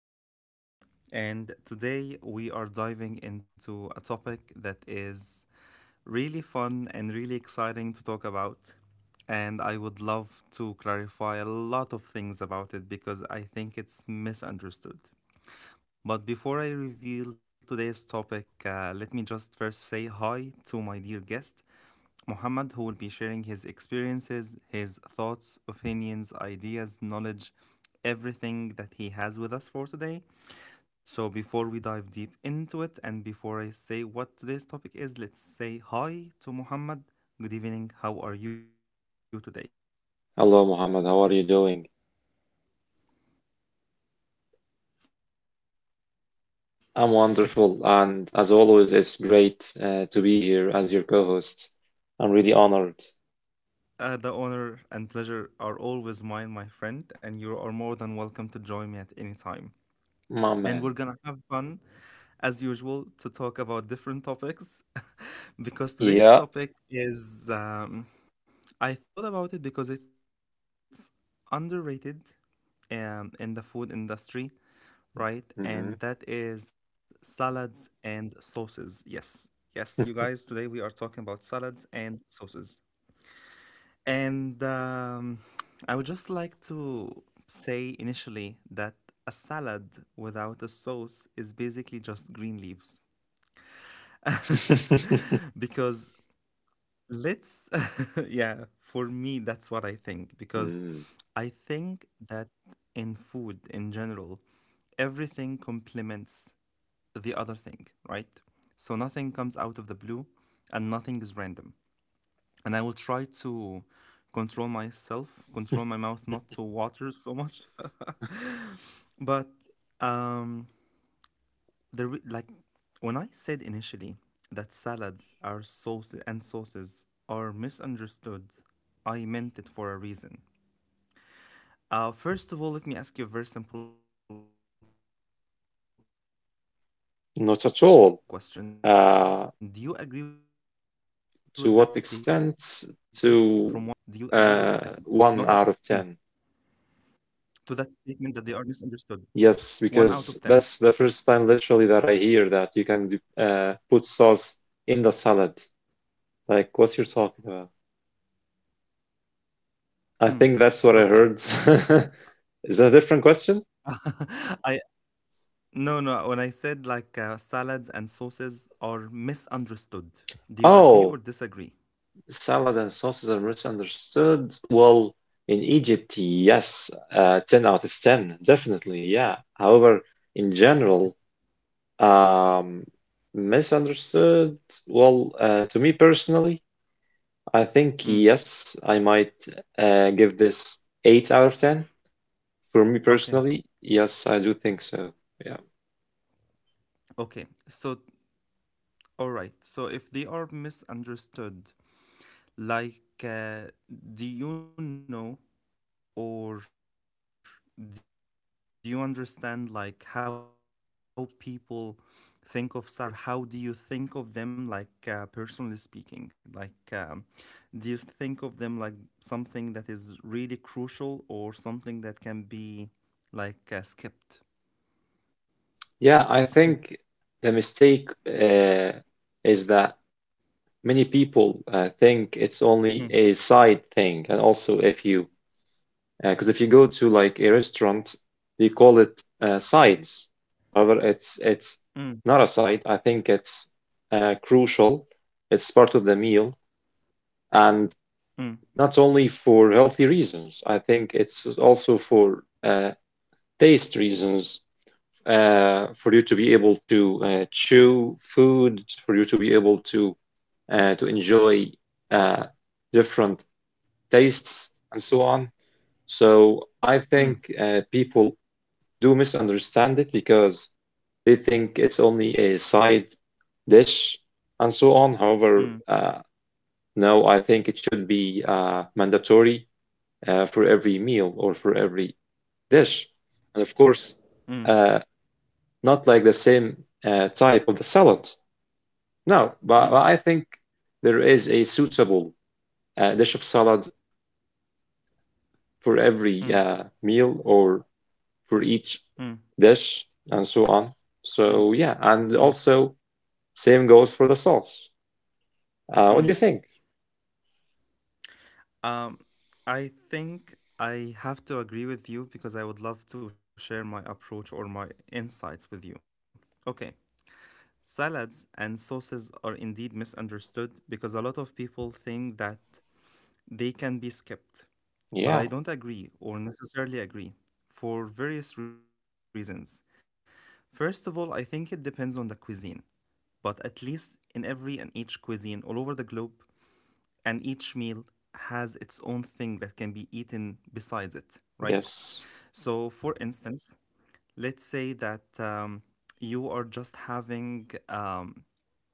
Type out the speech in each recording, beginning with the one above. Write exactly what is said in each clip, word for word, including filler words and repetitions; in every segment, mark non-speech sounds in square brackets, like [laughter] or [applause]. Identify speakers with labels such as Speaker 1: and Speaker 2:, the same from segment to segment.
Speaker 1: This is Muhammad, and today we are diving into a topic that is really fun and really exciting to talk about. And I would love to clarify a lot of things about it because I think it's misunderstood. But before I reveal today's topic, uh, let me just first say hi to my dear guest. Muhammad, who will be sharing his experiences, his thoughts, opinions, ideas, knowledge, everything that he has with us for today. So, before we dive deep into it and before I say what today's topic is, let's say hi to Muhammad. Good evening. How are you today?
Speaker 2: Hello, Mohammed. How are you doing?
Speaker 1: It's going great. How about yourself?
Speaker 2: I'm wonderful, and as always, it's great uh, to be here as your co-host. I'm really honored,
Speaker 1: It's uh, The honor and pleasure are always mine, my friend, and you are more than welcome to join me at any time.
Speaker 2: my
Speaker 1: And
Speaker 2: man.
Speaker 1: we're gonna have fun as usual to talk about different topics [laughs] because today's
Speaker 2: Yeah.
Speaker 1: topic is um, I thought about it because it's underrated um, in the food industry, right? And
Speaker 2: Mhm.
Speaker 1: that is salads and sauces. Yes, yes, you guys, today we are talking about salads and sauces. And um, I would just like to say initially that a salad without a sauce is basically just green leaves.
Speaker 2: [laughs]
Speaker 1: [laughs] Because let's [laughs] yeah, for me that's what I think, because
Speaker 2: Mm.
Speaker 1: I think that in food in general, everything complements the other thing, right? So nothing comes out of the blue and nothing is random, and I will try to control myself control my mouth not to water so much. [laughs] But um the re- like when I said initially that salads are sauces and sauces are misunderstood, I meant it for a reason. Uh, first of all, let me ask you a very simple question. Do you agree with that statement from one to ten? To what
Speaker 2: Not at
Speaker 1: extent
Speaker 2: all.
Speaker 1: do you agree or
Speaker 2: Uh,
Speaker 1: disagree? Not at all. Mm.
Speaker 2: to what extent? To uh, one out of
Speaker 1: To that
Speaker 2: ten.
Speaker 1: statement that they are misunderstood. one out of ten.
Speaker 2: Yes, because that's the first time literally that I hear that you can do, uh, put sauce in the salad. Like, what you're talking.
Speaker 1: Mm.
Speaker 2: I think that's what I
Speaker 1: Okay.
Speaker 2: heard. [laughs] Is that a different question?
Speaker 1: [laughs] I No, no. When I said like uh, salads and sauces are misunderstood, do you agree
Speaker 2: Oh,
Speaker 1: or disagree?
Speaker 2: salad and sauces are misunderstood. Well, in Egypt, yes, uh, ten out of ten, definitely, yeah. However, in general, um, misunderstood. Well, uh, to me personally, I think
Speaker 1: Mm.
Speaker 2: yes, I might uh, give this eight out of ten. For me
Speaker 1: Okay,
Speaker 2: personally, yes, I do think so. Yeah.
Speaker 1: okay. So, all right. So, if they are misunderstood, like, uh, do you know or do you understand like how people think of salads and sauces, especially in Egypt? um, or how do you think of them, like uh, personally speaking, like um, do you think of them like something that is really crucial or something that can be like uh, skipped?
Speaker 2: Yeah, I think the mistake uh, is that many people uh, think it's
Speaker 1: Mm.
Speaker 2: only a side thing. And also, if you, because if you go to like a restaurant, they call it uh, sides. However, it's
Speaker 1: Mm.
Speaker 2: it's not a side. I think it's uh, crucial. It's part of the meal,
Speaker 1: Mm.
Speaker 2: and not only for healthy reasons. I think it's also for uh, taste reasons. Uh, for you to be able to uh, chew food, for you to be able to uh, to enjoy uh, different tastes and so on. So I
Speaker 1: Mm.
Speaker 2: think uh, people do misunderstand it because they think it's only a side dish and so on.
Speaker 1: Mm.
Speaker 2: However, uh, no, I think it should be uh, mandatory uh, for every meal or for every dish. And of course,
Speaker 1: Mm.
Speaker 2: uh, not like the same uh, type of the salad. No,
Speaker 1: Mm. Mm.
Speaker 2: but, but I think there is a suitable uh, dish of salad for every uh, meal or for each
Speaker 1: Mm.
Speaker 2: dish and so on.
Speaker 1: Mm.
Speaker 2: So yeah, and
Speaker 1: Mm.
Speaker 2: also same goes for the sauce. Uh, what do
Speaker 1: Mm.
Speaker 2: you think?
Speaker 1: Um, I think I have to agree with you because I would love to share my approach or my insights with you. Okay. Salads and sauces are indeed misunderstood because a lot of people think that they can be skipped, but
Speaker 2: Yeah.
Speaker 1: I don't agree or necessarily agree for various reasons. First of all, I think it depends on the cuisine, but at least in every and each cuisine all over the globe, and each meal has its own thing that can be eaten besides it, right?
Speaker 2: Yes.
Speaker 1: So, for instance, let's say that um, you are just having um,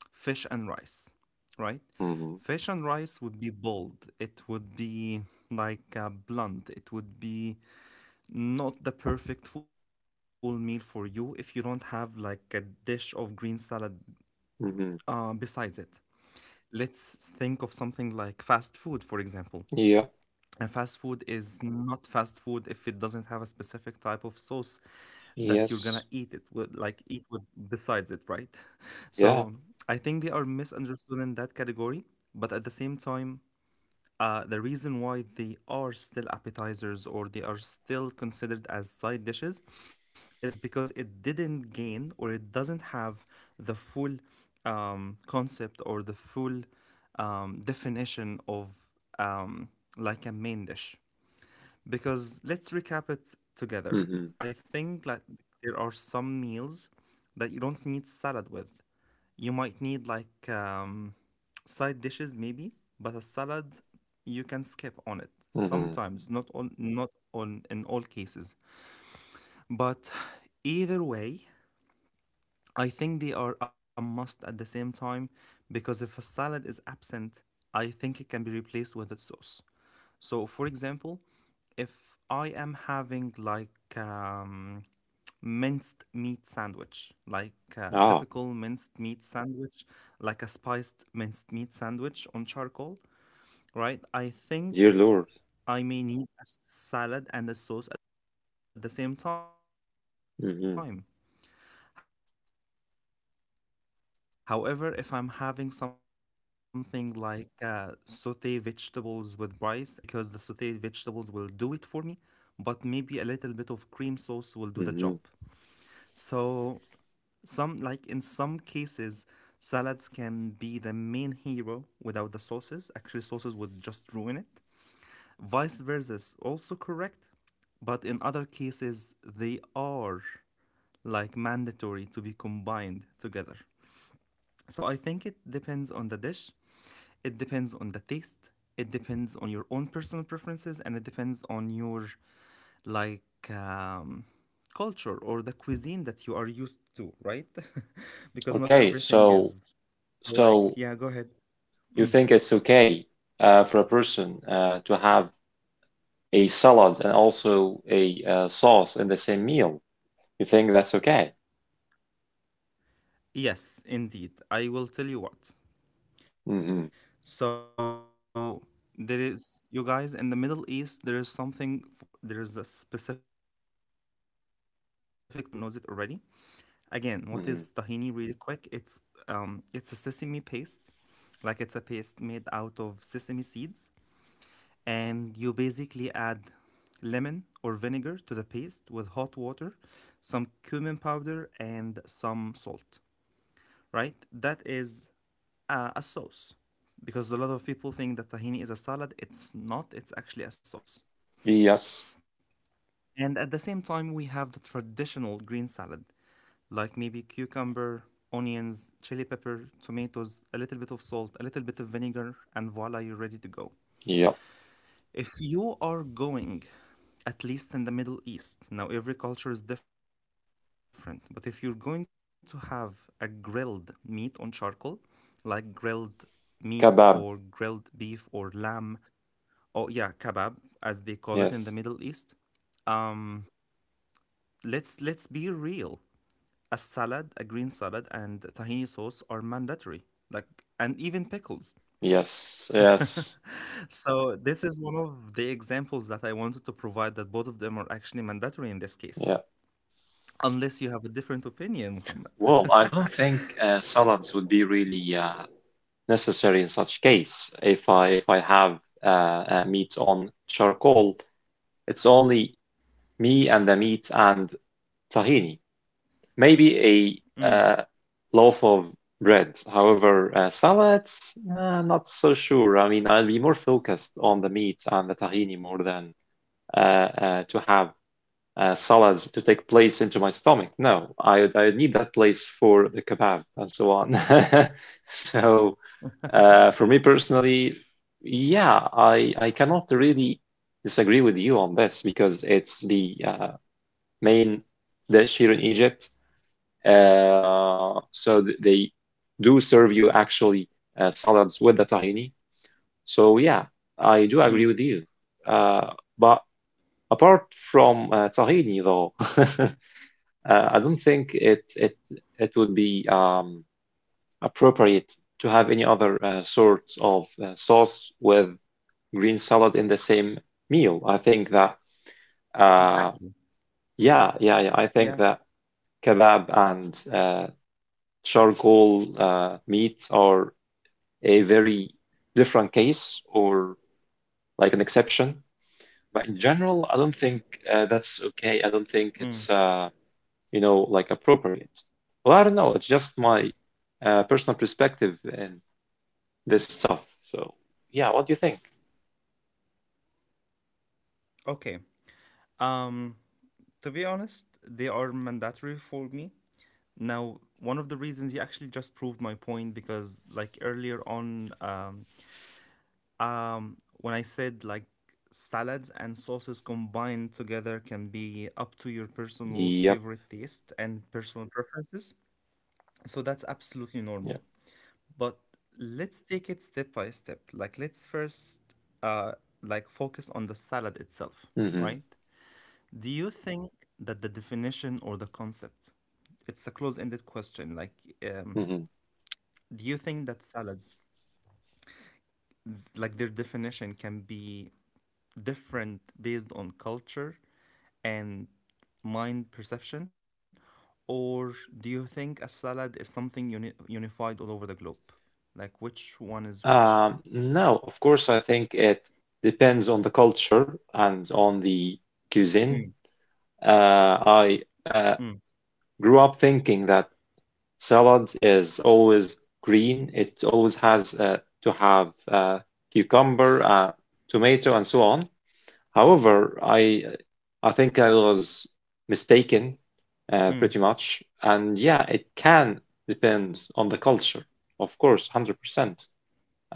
Speaker 1: fish and rice, right?
Speaker 2: Mm-hmm.
Speaker 1: Fish and rice would be bold. It would be like uh, blunt. It would be not the perfect full meal for you if you don't have like a dish of green salad uh,
Speaker 2: Mm-hmm.
Speaker 1: besides it. Let's think of something like fast food, for example.
Speaker 2: Yeah.
Speaker 1: And fast food is not fast food if it doesn't have a specific type of sauce that you're gonna eat it
Speaker 2: Yes.
Speaker 1: with, like eat with besides it, right? [laughs] So
Speaker 2: Yeah.
Speaker 1: I think they are misunderstood in that category, but at the same time, uh, the reason why they are still appetizers or they are still considered as side dishes is because it didn't gain or it doesn't have the full um, concept or the full um, definition of um, like a main dish. Because let's recap it together.
Speaker 2: Mm-hmm.
Speaker 1: I think that there are some meals that you don't need salad with. You might need like um, side dishes maybe, but a salad you can skip on it.
Speaker 2: Mm-hmm.
Speaker 1: Sometimes, not on not on in all cases. But either way, I think they are a must at the same time because if a salad is absent, I think it can be replaced with a sauce. So, for example, if I am having like um, minced meat sandwich, like a
Speaker 2: Ah,
Speaker 1: typical minced meat sandwich, like a spiced minced meat sandwich on charcoal, right? I
Speaker 2: dear
Speaker 1: think
Speaker 2: Lord.
Speaker 1: I may need a salad and a sauce at the
Speaker 2: Mm-hmm.
Speaker 1: same time. However, if I'm having something like uh, saute vegetables with rice and chicken, I don't think I need a salad because the sauteed vegetables will do it for me, but maybe a
Speaker 2: Mm-hmm.
Speaker 1: little bit of cream sauce will do the job. So, some, like in some cases, salads can be the main hero without the sauces. Actually, sauces would just ruin it. Vice versa is also correct, but in other cases, they are like mandatory to be combined together. So I think it depends on the dish, it depends on the taste, it depends on your own personal preferences, and it depends on your like um, culture or the cuisine that you are used to, right? [laughs] Because
Speaker 2: Okay.
Speaker 1: not
Speaker 2: So
Speaker 1: everything is
Speaker 2: so
Speaker 1: like, yeah, go ahead.
Speaker 2: you think it's okay uh, for a person uh, to have a salad and also a uh, sauce in the same meal. You think that's okay?
Speaker 1: Yes, indeed. I will tell you what.
Speaker 2: Mm-hmm.
Speaker 1: So there is, you guys, in the Middle East, there is something, f- there is a specific type of sauce that is called tahini sauce. I think everyone knows it already.
Speaker 2: Mm-hmm.
Speaker 1: Again, what is tahini really quick? It's um it's a sesame paste. Like it's a paste made out of sesame seeds, and you basically add lemon or vinegar to the paste with hot water, some cumin powder and some salt, right? That is a, a sauce, because a lot of people think that tahini is a salad. It's not, it's actually a sauce.
Speaker 2: Yes.
Speaker 1: And at the same time, we have the traditional green salad, like maybe cucumber, onions, chili pepper, tomatoes, a little bit of salt, a little bit of vinegar, and voila, you're ready to go.
Speaker 2: Yep.
Speaker 1: If you are going, at least in the Middle East, now every culture is different, but if you're going to have a grilled meat on charcoal, like grilled meat or
Speaker 2: Kebab.
Speaker 1: grilled beef or lamb, or yeah, kebab, as they call it in the
Speaker 2: Yes.
Speaker 1: Middle East, um, let's let's be real. A salad, a green salad, and tahini sauce are mandatory, like, and even pickles.
Speaker 2: Yes. Yes.
Speaker 1: So, this is one of the examples that I wanted to provide that both of them are actually mandatory in this
Speaker 2: Yeah.
Speaker 1: case, unless you have a different opinion,
Speaker 2: Well,
Speaker 1: Muhammad.
Speaker 2: I don't
Speaker 1: [laughs]
Speaker 2: think uh, salads would be really uh, necessary in such case. If I if I have uh, uh, meat on charcoal, it's only me and the meat and tahini. Maybe a uh,
Speaker 1: Mm,
Speaker 2: loaf of bread. However, uh, salads, uh, not so sure. I mean, I'll be more focused on the meat and the tahini more than uh, uh, to have uh, salads to take place into my stomach. No, I would- I would need that place for the kebab and so on. [laughs] So, uh, for me personally, yeah, I I cannot really disagree with you on this because it's the uh, main dish here in Egypt, uh, so they do serve you actually uh, salads with the tahini. So yeah, I do agree with
Speaker 1: mm,
Speaker 2: you. Uh, but apart from uh, tahini, though, [laughs] uh, I don't think it it it would be um, appropriate to have any other uh, sorts of uh, sauce with green salad in the same meal. I think that uh,
Speaker 1: exactly.
Speaker 2: yeah, yeah, yeah. I think that
Speaker 1: Yeah.
Speaker 2: kebab and uh, charcoal uh, meats are a very different case or like an exception. But in general, I don't think uh,
Speaker 1: Mm.
Speaker 2: that's okay. I don't think it's uh, you know like appropriate. Well, I don't know. It's just my uh, personal perspective and this stuff. So yeah, what do you think?
Speaker 1: Okay. Um, to be honest, they are mandatory for me. Now, one of the reasons you actually just proved my point because, like earlier on, um, Um, when I said like salads and sauces combined together can be up to your personal
Speaker 2: Yep.
Speaker 1: favorite taste and personal preferences, so that's absolutely
Speaker 2: Yep.
Speaker 1: normal. But let's take it step by step. Like let's first uh like focus on the salad itself,
Speaker 2: Hmm.
Speaker 1: right? Do you think that the definition or the concept, it's a close-ended question. Like, um,
Speaker 2: Hmm.
Speaker 1: do you think that salads, like their definition, can be different based on culture and mind perception? Or do you think a salad is something uni- unified all over the globe? Like which one is which?
Speaker 2: Um, no, of course, I think it depends on the culture and on the
Speaker 1: Mm.
Speaker 2: cuisine. Uh, I uh,
Speaker 1: Mm.
Speaker 2: grew up thinking that salad is always green. It always has uh, to have uh, cucumber, uh, tomato, and so on. However, I uh,
Speaker 1: Mm.
Speaker 2: I think I was mistaken uh, pretty much. And yeah, it can depend on the culture, of course, one hundred percent.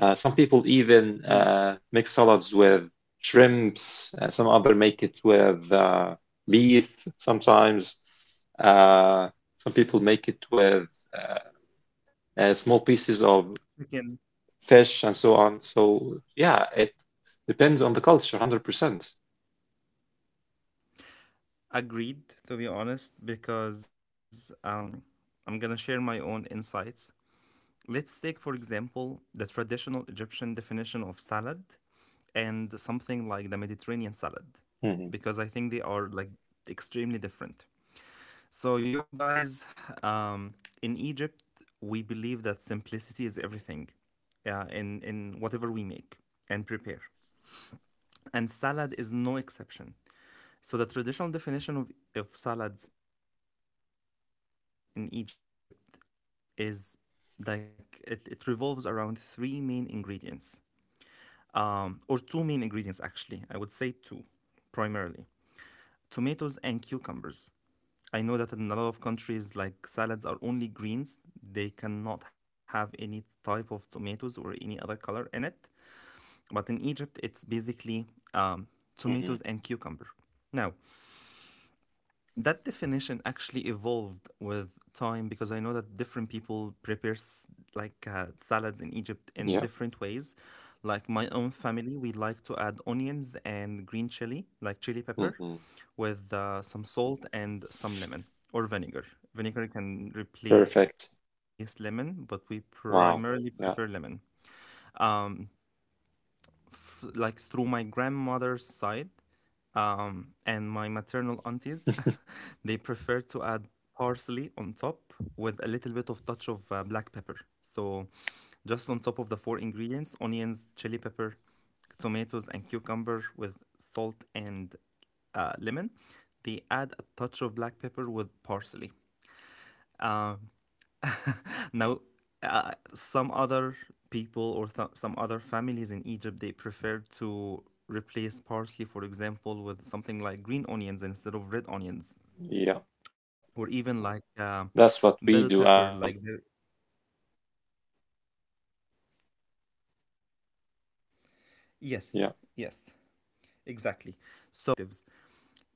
Speaker 2: Uh, some people
Speaker 1: Mm.
Speaker 2: even uh, make salads with shrimps. Uh, some other make it with uh, beef sometimes. Uh, some people make it with uh, uh, small pieces of
Speaker 1: Chicken.
Speaker 2: fish and so on. So yeah, it depends on the culture, one hundred percent.
Speaker 1: Agreed, to be honest, because um, I'm gonna share my own insights. Let's take, for example, the traditional Egyptian definition of salad and something like the Mediterranean salad,
Speaker 2: Hmm.
Speaker 1: because I think they are like extremely different. So, you guys, um, in Egypt, we believe that simplicity is everything uh, in, in whatever we make and prepare. And salad is no exception. So, the traditional definition of, of salads in Egypt is like it, it revolves around three main ingredients, um, or two main ingredients, actually. I would say two, primarily tomatoes and cucumbers. I know that in a lot of countries, like salads are only greens. They cannot have any type of tomatoes or any other color in it. But in Egypt, it's basically um, tomatoes and cucumber. Now,
Speaker 2: Hmm.
Speaker 1: that definition actually evolved with time because I know that different people prepare s- like uh, salads in Egypt in different ways.
Speaker 2: Yeah.
Speaker 1: Like my own family, we like to add onions and green chili, like chili pepper
Speaker 2: Hmm.
Speaker 1: with uh, some salt and some lemon or vinegar. Vinegar can replace lemon, but we
Speaker 2: Perfect.
Speaker 1: primarily prefer lemon.
Speaker 2: Wow. Yeah.
Speaker 1: Um, f- like through my grandmother's side um, and my maternal aunties, [laughs] they prefer to add parsley on top with a little bit of touch of uh, black pepper. So just on top of the four ingredients, onions, chili pepper, tomatoes, and cucumber with salt and uh, lemon. They add a touch of black pepper with parsley. Now, uh, some other people or some other families in Egypt they prefer to replace parsley, for example, with something like green onions instead of red onions, or
Speaker 2: Yeah.
Speaker 1: even like uh,
Speaker 2: That's
Speaker 1: bell
Speaker 2: what we
Speaker 1: pepper.
Speaker 2: do
Speaker 1: Like the
Speaker 2: actually.
Speaker 1: yes, yes, exactly. So yeah,
Speaker 2: Yeah.
Speaker 1: these are all like different pers- perspectives.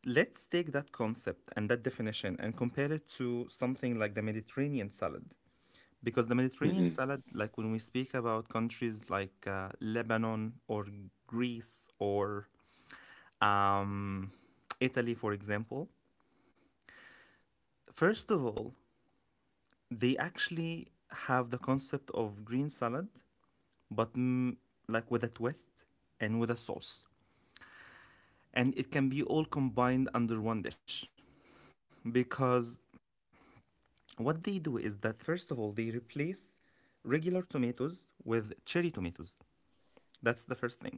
Speaker 1: Let's take that concept and that definition and compare it to something like the Mediterranean salad. Because the
Speaker 2: Hmm.
Speaker 1: Mediterranean salad, like when we speak about countries like uh, Lebanon or Greece or um, Italy, for example, first of all, they actually have the concept of green salad, but mm, like with a twist and with a sauce. And it can be all combined under one dish because what they do is that first of all they replace regular tomatoes with cherry tomatoes, that's the first thing.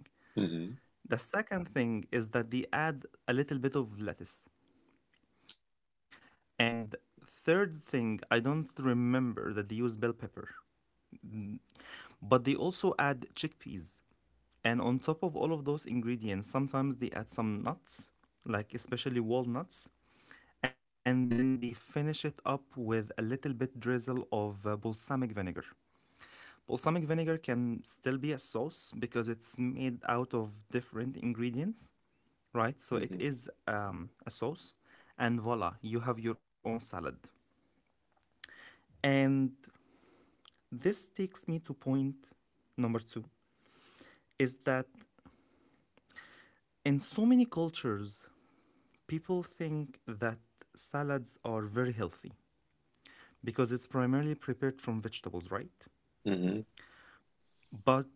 Speaker 2: Hmm.
Speaker 1: The second thing is that they add a little bit of lettuce, and third thing, I don't remember that they use bell pepper, but they also add chickpeas, and on top of all of those ingredients sometimes they add some nuts, like especially walnuts, and then they finish it up with a little bit drizzle of uh, balsamic vinegar. Balsamic vinegar can still be a sauce because it's made out of different ingredients, right? So it
Speaker 2: Hmm.
Speaker 1: is um, a sauce, and voila, you have your own salad. And this takes me to point number two, is that in so many cultures, people think that salads are very healthy because it's primarily prepared from vegetables, right?
Speaker 2: Hmm.
Speaker 1: But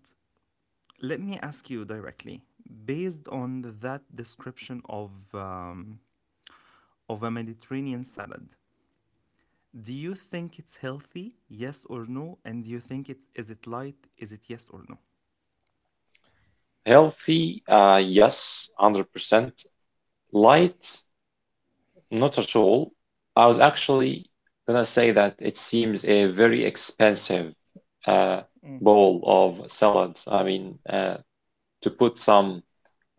Speaker 1: let me ask you directly, based on that description of um, of a Mediterranean salad. Do you think it's healthy? Yes or no? And do you think it is it light? Is it, yes or no?
Speaker 2: Healthy, uh, yes, one hundred percent. Light, not at all. I was actually gonna say that it seems a very expensive uh,
Speaker 1: Mm.
Speaker 2: bowl of salad. I mean, uh, to put some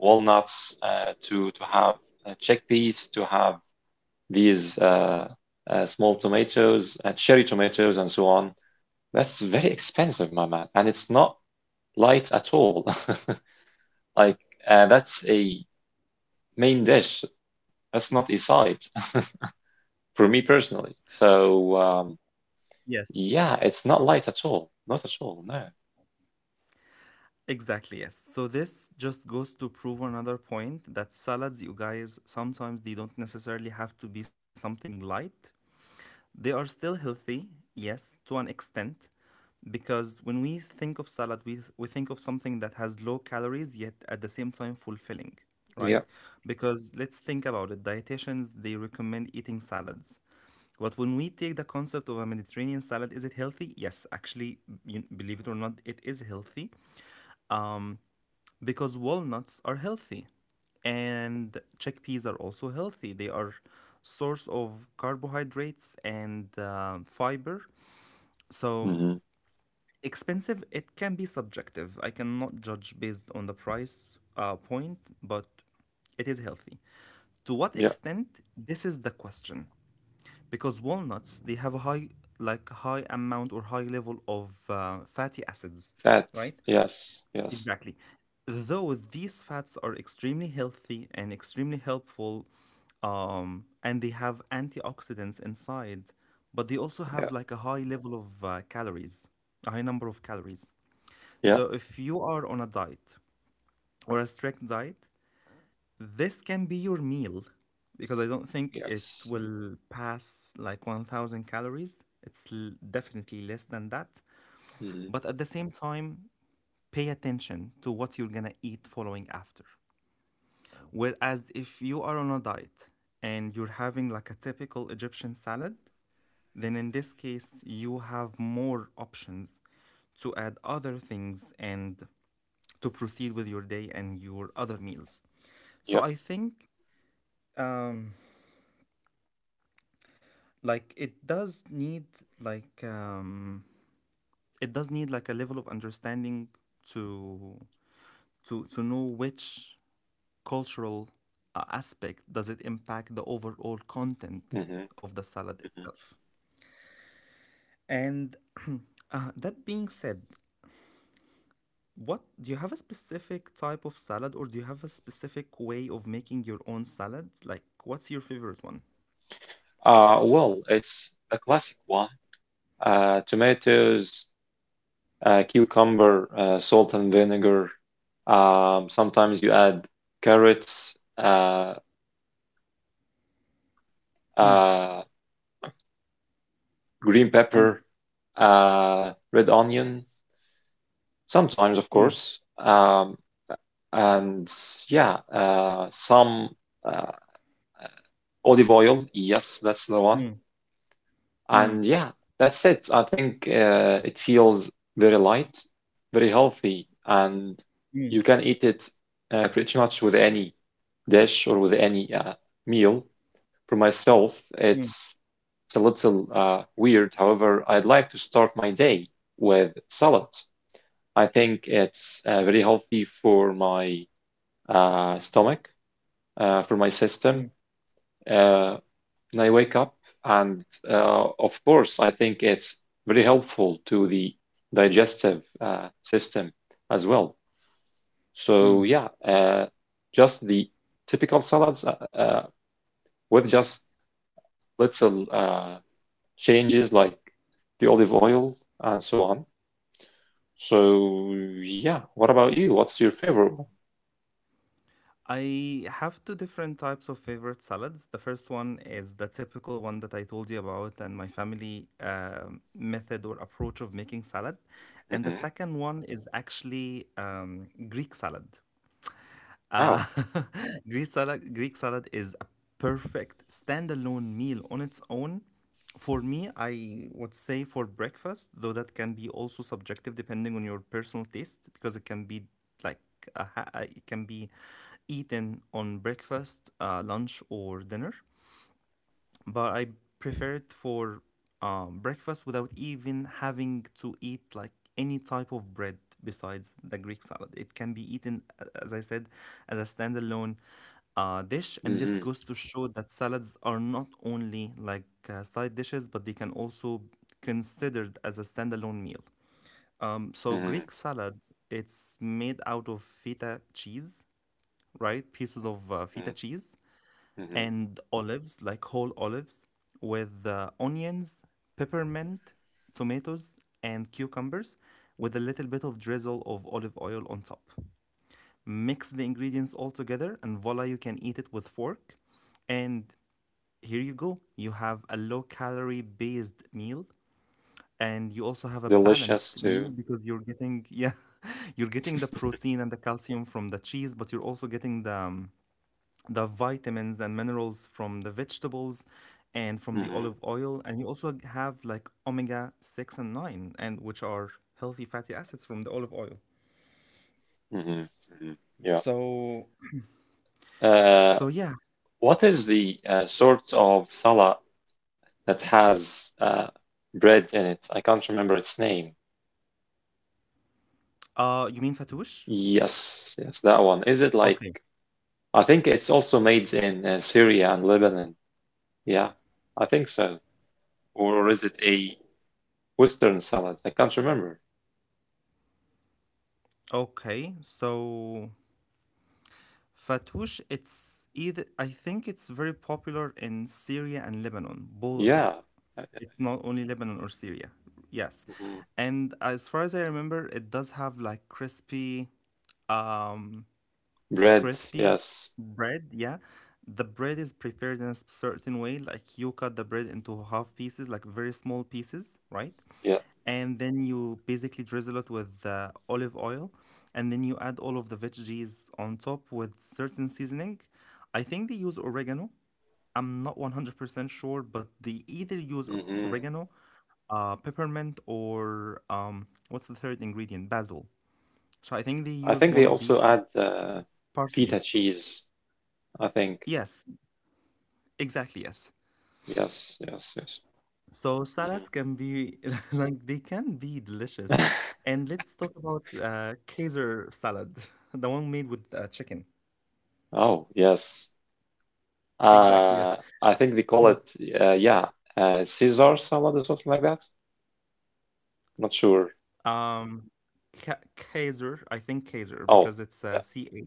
Speaker 2: walnuts, uh, to to have uh, chickpeas, to have these uh, uh, small tomatoes, uh, cherry tomatoes, and so on. That's very expensive, my man, and it's not light at all. [laughs] Like uh, that's a main dish. That's not Isite [laughs] for me personally. So um,
Speaker 1: Yes,
Speaker 2: yeah, it's not light at all. Not at all. No.
Speaker 1: exactly. Yes. So this just goes to prove another point that salads, you guys, sometimes they don't necessarily have to be something light. They are still healthy, yes, to an extent, because when we think of salad we, we think of something that has low calories yet at the same time fulfilling,
Speaker 2: Yeah.
Speaker 1: right? Because let's think about it, dietitians they recommend eating salads, but when we take the concept of a Mediterranean salad, is it healthy? Yes, actually, you, believe it or not, it is healthy because walnuts are healthy and chickpeas are also healthy. They are source of carbohydrates and um, fiber, so
Speaker 2: Hmm.
Speaker 1: expensive, it can be subjective. I cannot judge based on the price uh, point, but it is healthy. To what
Speaker 2: Yeah.
Speaker 1: extent? This is the question. Because walnuts, they have a high, like high amount or high level of uh, fatty acids,
Speaker 2: Fat.
Speaker 1: right?
Speaker 2: Yes. Yes.
Speaker 1: Exactly. Though these fats are extremely healthy and extremely helpful, um, and they have antioxidants inside, but they also have
Speaker 2: Yeah.
Speaker 1: like a high level of uh, calories, a high number of calories.
Speaker 2: Yeah.
Speaker 1: So if you are on a diet or a strict diet, this can be your meal because I don't think it
Speaker 2: Yes.
Speaker 1: will pass like one thousand calories. It's l- definitely less than that.
Speaker 2: Hmm.
Speaker 1: But at the same time, pay attention to what you're going to eat following after. Whereas if you are on a diet and you're having like a typical Egyptian salad, then in this case, you have more options to add other things and to proceed with your day and your other meals.
Speaker 2: Yeah.
Speaker 1: So I think um like it does need like um it does need like a level of understanding to to to know which cultural uh, aspect does it impact the overall content
Speaker 2: Hmm.
Speaker 1: of the salad
Speaker 2: Hmm.
Speaker 1: itself. And [clears throat] uh, that being said, what do you, have a specific type of salad, or do you have a specific way of making your own salad? Like what's your favorite one?
Speaker 2: Uh, well, it's a classic one. Uh, tomatoes, uh, cucumber, uh, salt and vinegar. Um, sometimes you add carrots, uh,
Speaker 1: Mm,
Speaker 2: uh, green pepper,
Speaker 1: mm,
Speaker 2: uh, red onion. Sometimes, of
Speaker 1: mm,
Speaker 2: course. Um, and yeah, uh, some uh, olive oil. Yes, that's the one.
Speaker 1: mm,
Speaker 2: And
Speaker 1: mm,
Speaker 2: yeah, that's it. I think uh, it feels very light, very healthy, and you
Speaker 1: mm,
Speaker 2: can eat it uh, pretty much with any dish or with any uh, meal. For myself,
Speaker 1: mm,
Speaker 2: it's it's a little uh, weird. However, I'd like to start my day with salad. I think it's uh, very healthy for my uh, stomach, uh, for my system.
Speaker 1: mm,
Speaker 2: Uh, and I wake up, and uh, of course, I think it's very helpful to the digestive uh, system as well. So
Speaker 1: mm.
Speaker 2: yeah, uh, just the typical salads uh, uh, with just little uh, changes like the olive oil and so on. So yeah, what about you? What's your favorite one?
Speaker 1: I have two different types of favorite salads. The first one is the typical one that I told you about and my family um, method or approach of making salad. And the
Speaker 2: Mm-hmm.
Speaker 1: second one is actually um, Greek salad.
Speaker 2: Wow.
Speaker 1: Uh, [laughs] Greek salad, Greek salad is a perfect standalone meal on its own. For me, I would say for breakfast, though that can be also subjective depending on your personal taste, because it can be like a, ha- uh, it can be eaten on breakfast, uh, lunch, or dinner, but I prefer it for um, breakfast without even having to eat like any type of bread besides the Greek salad. It can be eaten, a- as I said, as a standalone uh, dish, and this
Speaker 2: Mm-hmm.
Speaker 1: goes to show that salads are not only like uh, side dishes, but they can also considered as a standalone meal. Um, So
Speaker 2: Mm-hmm.
Speaker 1: Greek salad, it's made out of feta cheese, right? Pieces of uh, feta cheese
Speaker 2: Mm-hmm.
Speaker 1: and olives, like whole olives, with uh, onions, peppermint, tomatoes, and cucumbers, with a little bit of drizzle of olive oil on top. Mix the ingredients all together, and voila, you can eat it with fork. And here you go. You have a low calorie based meal, and you also have a
Speaker 2: Delicious
Speaker 1: balanced meal
Speaker 2: too.
Speaker 1: because you're getting, [laughs] yeah, you're getting the protein and the calcium from the cheese, but you're also getting the um, the vitamins and minerals from the vegetables and from the
Speaker 2: Hmm.
Speaker 1: olive oil, and you also have like omega six and nine, and which are healthy fatty acids from the olive oil,
Speaker 2: Hmm. Hmm. Yeah.
Speaker 1: so
Speaker 2: Uh,
Speaker 1: so yeah.
Speaker 2: what is the uh, sort of salad that has uh, bread in it? I can't remember its name.
Speaker 1: uh you mean fatouche.
Speaker 2: Yes, yes, that one. Is it like,
Speaker 1: Okay,
Speaker 2: I think it's also made in uh, Syria and Lebanon. Yeah, I think so. Or is it a Western salad? I can't remember.
Speaker 1: okay, so fatouche, it's either, I think it's very popular in Syria and Lebanon,
Speaker 2: Yeah.
Speaker 1: both.
Speaker 2: Uh,
Speaker 1: It's not only Lebanon or Syria, yes.
Speaker 2: Mm-hmm.
Speaker 1: And as far as I remember, it does have like crispy um
Speaker 2: Bread,
Speaker 1: crispy
Speaker 2: yes.
Speaker 1: bread. Yeah, the bread is prepared in a s- certain way. Like you cut the bread into half pieces, like very small pieces, right?
Speaker 2: Yeah.
Speaker 1: And then you basically drizzle it with uh, olive oil, and then you add all of the veggies on top with certain seasoning. I think they use oregano. I'm not one hundred percent sure, but they either use
Speaker 2: Hmm.
Speaker 1: oregano, uh, peppermint, or um, what's the third ingredient? Basil. So I think
Speaker 2: I
Speaker 1: they
Speaker 2: think they
Speaker 1: use one
Speaker 2: also
Speaker 1: of
Speaker 2: add
Speaker 1: these.
Speaker 2: uh, feta
Speaker 1: Parsley.
Speaker 2: cheese, I think.
Speaker 1: Yes, exactly, yes.
Speaker 2: Yes, yes, yes.
Speaker 1: So
Speaker 2: Mhm.
Speaker 1: salads can be [laughs] like they can be delicious.
Speaker 2: [laughs]
Speaker 1: And let's talk about uh Kaiser salad, [laughs] the one made with uh, chicken.
Speaker 2: Oh, yes.
Speaker 1: Exactly,
Speaker 2: Uh,
Speaker 1: yes.
Speaker 2: I think they call
Speaker 1: Mm.
Speaker 2: it, uh, yeah, uh, Caesar salad or something like that. Not sure.
Speaker 1: Um Ka- Kaiser, I think Kaiser because
Speaker 2: Oh,
Speaker 1: it's uh,
Speaker 2: yeah.
Speaker 1: C A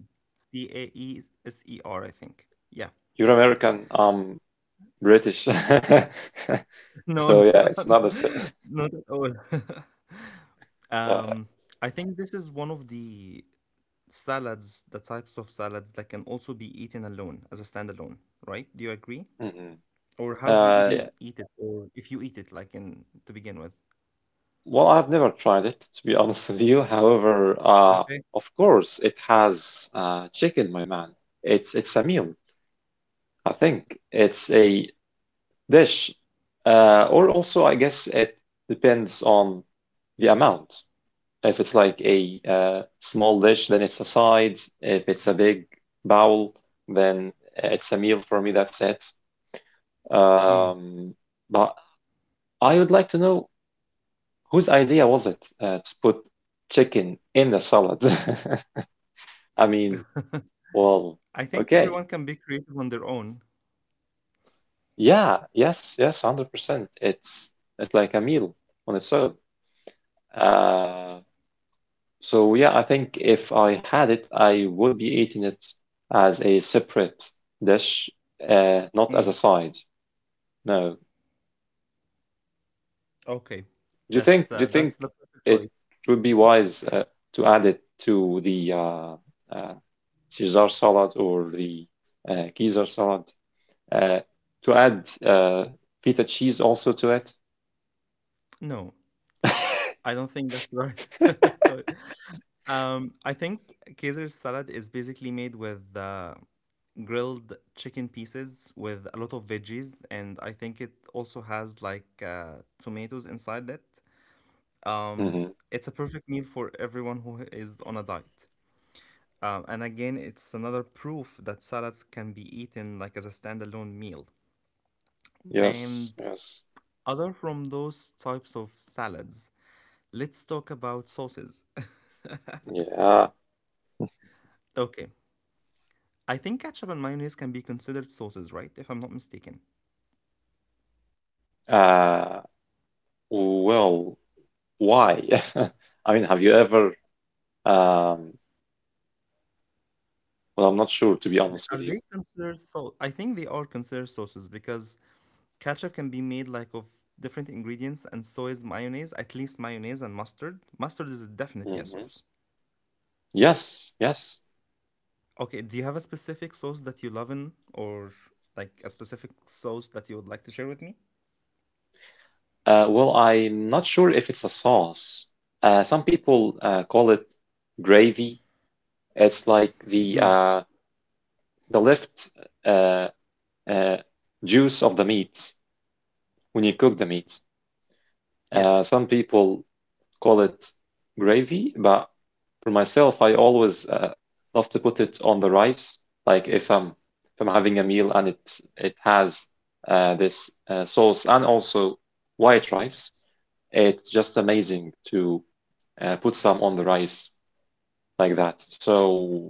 Speaker 1: C A E S E R, I think. Yeah.
Speaker 2: You're American. I'm British. [laughs]
Speaker 1: [laughs]
Speaker 2: So
Speaker 1: No,
Speaker 2: yeah,
Speaker 1: no,
Speaker 2: it's not the same.
Speaker 1: [laughs] not at all. [laughs]
Speaker 2: [laughs] Yeah.
Speaker 1: Um, I think this is one of the salads, the types of salads that can also be eaten alone as a standalone, right? Do you agree?
Speaker 2: Mhm.
Speaker 1: Or how do you
Speaker 2: Uh, yeah.
Speaker 1: even eat it? Or if you eat it, like in to begin with?
Speaker 2: Well, I've never tried it to be [laughs] honest with you. However, uh,
Speaker 1: Okay.
Speaker 2: of course, it has uh, chicken, my man. It's it's a meal. I think it's a dish. Uh, or also, I guess it depends on the amount. If it's like a uh, small dish, then it's a side. If it's a big bowl, then it's a meal for me. That's it.
Speaker 1: Mm.
Speaker 2: Um, but I would like to know whose idea was it uh, to put chicken in the salad? [laughs] I mean, well,
Speaker 1: I think
Speaker 2: okay,
Speaker 1: everyone can be creative on their own.
Speaker 2: yeah, yes, yes, one hundred percent. It's it's like a meal on its own. Uh, So yeah, I think if I had it, I would be eating it as a separate dish, uh, not as a
Speaker 1: Mm.
Speaker 2: side. No.
Speaker 1: Okay,
Speaker 2: Do you
Speaker 1: that's
Speaker 2: think do
Speaker 1: uh,
Speaker 2: you
Speaker 1: that's
Speaker 2: think
Speaker 1: the perfect
Speaker 2: it
Speaker 1: choice.
Speaker 2: would be wise uh, to add it to the uh, uh, Caesar salad or the uh, Caesar salad uh, to add uh, feta cheese also to it?
Speaker 1: No,
Speaker 2: [laughs]
Speaker 1: I don't think that's the right [laughs] choice. Um, I think Caesar salad is basically made with uh, grilled chicken pieces with a lot of veggies, and I think it also has like uh, tomatoes inside it. Um,
Speaker 2: Hmm.
Speaker 1: it's a perfect meal for everyone who is on a diet. Um, and again, it's another proof that salads can be eaten like as a standalone meal.
Speaker 2: Yes,
Speaker 1: And
Speaker 2: yes.
Speaker 1: other from those types of salads, let's talk about sauces. [laughs]
Speaker 2: Yeah.
Speaker 1: Okay, I think ketchup and mayonnaise can be considered sauces, right? If I'm not mistaken.
Speaker 2: Uh, well, why? [laughs] I mean, have you ever. Um, well, I'm not sure to be honest
Speaker 1: Are
Speaker 2: with you.
Speaker 1: they considered sauce? I think they are considered sauces because ketchup can be made like of different ingredients, and so is mayonnaise, at least mayonnaise and mustard. Mustard is definitely a
Speaker 2: Hmm.
Speaker 1: sauce.
Speaker 2: Yes, yes.
Speaker 1: Okay, do you have a specific sauce that you love in, or like a specific sauce that you would like to share with me?
Speaker 2: Uh, well, I'm not sure if it's a sauce. Uh, some people uh, call it gravy. It's like the
Speaker 1: Mm.
Speaker 2: uh, the left uh, uh, juice of the meat when you cook the meat. Uh,
Speaker 1: Yes.
Speaker 2: some people call it gravy, but for myself, I always uh, love to put it on the rice. Like if I'm if I'm having a meal and it it has uh, this uh, sauce and also white rice, it's just amazing to uh, put some on the rice like that. So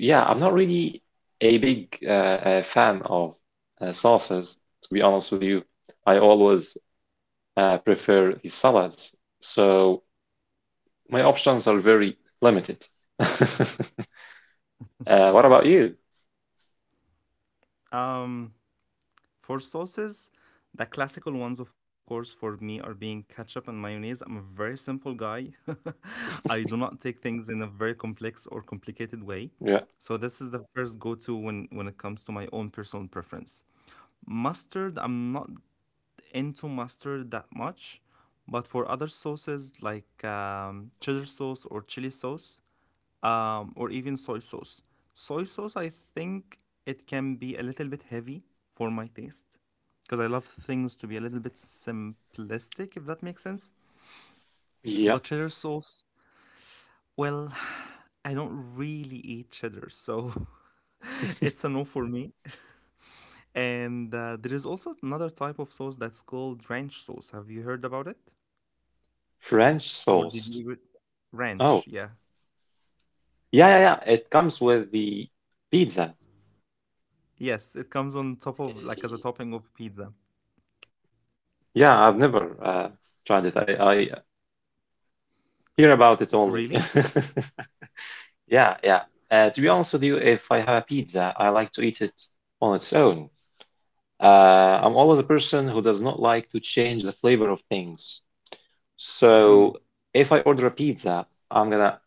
Speaker 2: yeah, I'm not really a big uh, uh, fan of uh, sauces, to be honest with you. I always uh, prefer the salads. So, my options are very limited. [laughs] Uh, what about you?
Speaker 1: Um, for sauces, the classical ones, of course, for me are being ketchup and mayonnaise. I'm a very simple guy. [laughs] I do not take things in a very complex or complicated way.
Speaker 2: Yeah,
Speaker 1: So this is the first go-to when when it comes to my own personal preference. Mustard, I'm not into mustard that much, but for other sauces like um, cheddar sauce or chili sauce, um, or even soy sauce, soy sauce, I think it can be a little bit heavy for my taste because I love things to be a little bit simplistic, if that makes sense.
Speaker 2: yeah.
Speaker 1: But cheddar sauce, well, [sighs] I don't really eat cheddar, so [laughs] it's a no for me. And uh, there is also another type of sauce that's called ranch sauce. Have you heard about it?
Speaker 2: French
Speaker 1: Or did you
Speaker 2: sauce.
Speaker 1: even
Speaker 2: Oh,
Speaker 1: ranch? Yeah.
Speaker 2: yeah, yeah, yeah. It comes with the pizza.
Speaker 1: Yes, it comes on top of like as a topping of pizza.
Speaker 2: Yeah, I've never uh, tried it. I, I hear about it only.
Speaker 1: Really?
Speaker 2: [laughs] Yeah, yeah. Uh, to be honest with you, if I have a pizza, I like to eat it on its own. Uh, I'm always a person who does not like to change the flavor of things.
Speaker 1: Mm,
Speaker 2: So if I order a pizza, I'm gonna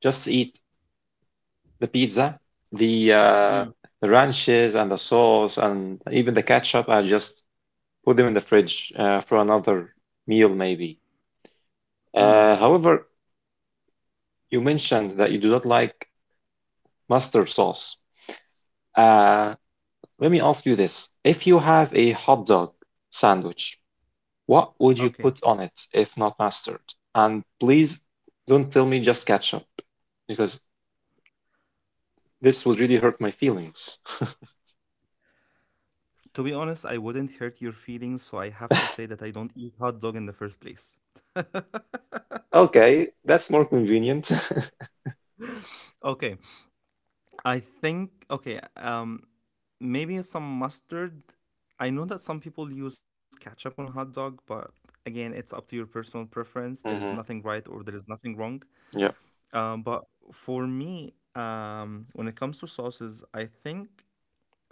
Speaker 2: just eat the pizza, the uh,
Speaker 1: mm,
Speaker 2: the ranches and the sauce and even the ketchup. I just put them in the fridge uh, for another meal maybe.
Speaker 1: mm.
Speaker 2: Uh, however, you mentioned that you do not like mustard sauce. Uh, Let me ask you this: If you have a hot dog sandwich, what would you
Speaker 1: Okay.
Speaker 2: put on it if not mustard? And please don't tell me just ketchup because this would really hurt my feelings.
Speaker 1: To be honest, I wouldn't hurt your feelings, so I have to say that I don't eat hot dog in the first place. [laughs]
Speaker 2: Okay, that's more convenient. [laughs]
Speaker 1: Okay. I think okay, um maybe some mustard. I know that some people use ketchup on hot dog, but again, it's up to your personal preference. There is nothing
Speaker 2: Hmm.
Speaker 1: right or there is nothing wrong.
Speaker 2: Yeah.
Speaker 1: Um, but for me, um, when it comes to sauces, I think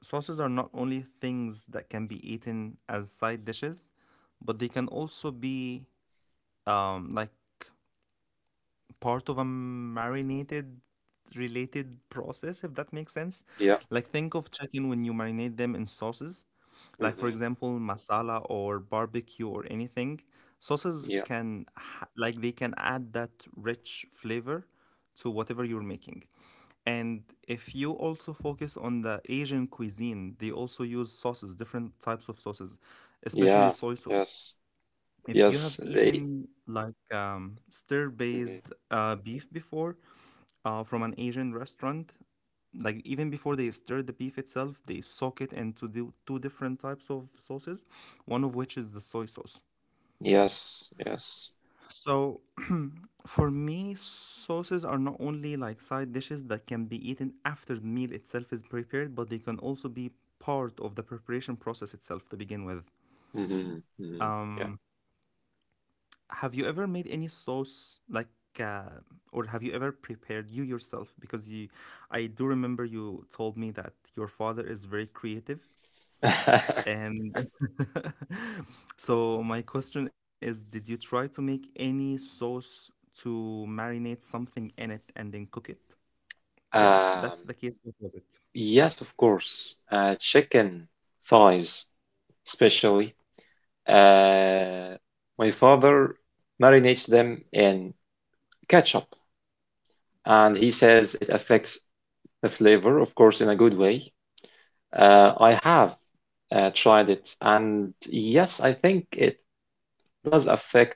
Speaker 1: sauces are not only things that can be eaten as side dishes, but they can also be um, like part of a marinated related process, if that makes sense.
Speaker 2: Yeah.
Speaker 1: Like, think of chicken when you marinate them in sauces, like for
Speaker 2: Hmm.
Speaker 1: example masala or barbecue or anything. Sauces
Speaker 2: Yeah.
Speaker 1: can ha- like they can add that rich flavor to whatever you're making. And if you also focus on the Asian cuisine, they also use sauces, different types of sauces, especially
Speaker 2: Yeah.
Speaker 1: soy sauce.
Speaker 2: Yes.
Speaker 1: If you have
Speaker 2: Yes. They.
Speaker 1: eaten like um, stir-based
Speaker 2: Hmm.
Speaker 1: uh, beef before, uh, from an Asian restaurant, like even before they stir the beef itself, they soak it into the two different types of sauces, one of which is the soy sauce.
Speaker 2: Yes. Yes.
Speaker 1: So for me, sauces are not only like side dishes that can be eaten after the meal itself is prepared, but they can also be part of the preparation process itself to begin with.
Speaker 2: Hmm. Hmm. Yeah.
Speaker 1: Have you ever made any sauce, like uh, or have you ever prepared you yourself? Because you, I do remember you told me that your father is very creative.
Speaker 2: [laughs]
Speaker 1: And [laughs] so my question is, did you try to make any sauce to marinate something in it and then cook it? If that's
Speaker 2: Um,
Speaker 1: the case, what was it?
Speaker 2: yes, of course. Uh, chicken thighs, especially. Uh, my father marinates them in ketchup, and he says it affects the flavor, of course, in a good way. Uh, I have uh, tried it, and yes, I think it does affect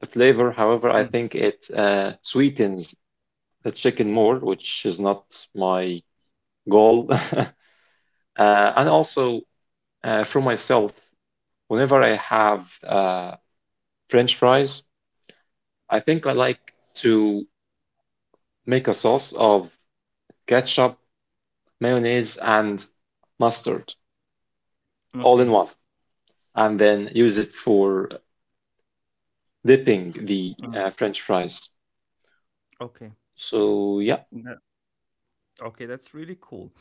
Speaker 2: the flavor. However, I
Speaker 1: Mm,
Speaker 2: think it uh, sweetens the chicken more, which is not my goal. [laughs] Uh, and also uh, for myself, whenever I have uh, French fries, I think I like to make a sauce of ketchup, mayonnaise, and mustard all in
Speaker 1: okay.
Speaker 2: one, and then use it for dipping the
Speaker 1: Mm,
Speaker 2: uh, French fries.
Speaker 1: okay.
Speaker 2: So yeah,
Speaker 1: That- okay, that's really cool.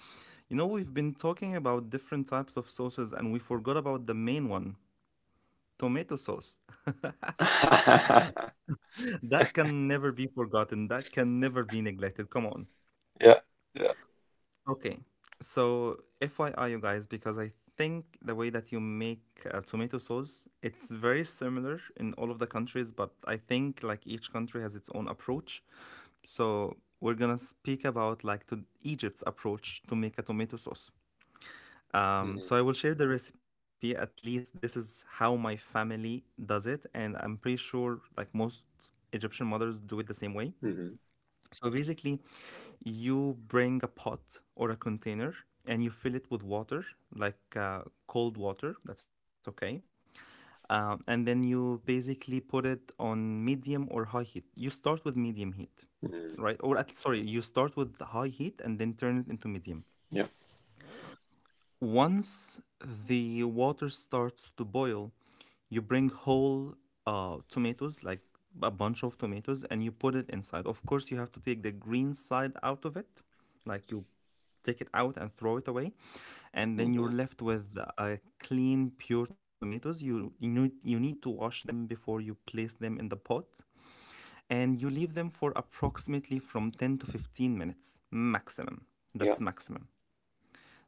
Speaker 1: You know, we've been talking about different types of sauces and we forgot about the main one, tomato sauce.
Speaker 2: [laughs]
Speaker 1: [laughs] That can never be forgotten. That can never be neglected. Come on.
Speaker 2: yeah, yeah.
Speaker 1: Okay. So, F Y I, you guys, because I think the way that you make uh, tomato sauce, it's very similar in all of the countries, but I think like each country has its own approach. So, we're gonna speak about like to Egypt's approach to make a tomato sauce. Um,
Speaker 2: Mhm,
Speaker 1: so I will share the recipe. At least this is how my family does it, and I'm pretty sure like most Egyptian mothers do it the same way.
Speaker 2: mhm,
Speaker 1: So basically, you bring a pot or a container and you fill it with water, like uh, cold water, that's okay. Um, and then you basically put it on medium or high heat. You start with medium heat,
Speaker 2: mhm,
Speaker 1: right? Or at, sorry, you start with high heat and then turn it into medium.
Speaker 2: yeah.
Speaker 1: Once the water starts to boil, you bring whole uh, tomatoes, like a bunch of tomatoes, and you put it inside. Of course, you have to take the green side out of it, like you take it out and throw it away, and then you're
Speaker 2: Mm-hmm.
Speaker 1: left with a clean, pure tomatoes. You you need, you need to wash them before you place them in the pot, and you leave them for approximately from ten to fifteen minutes maximum.
Speaker 2: Yeah.
Speaker 1: That's maximum.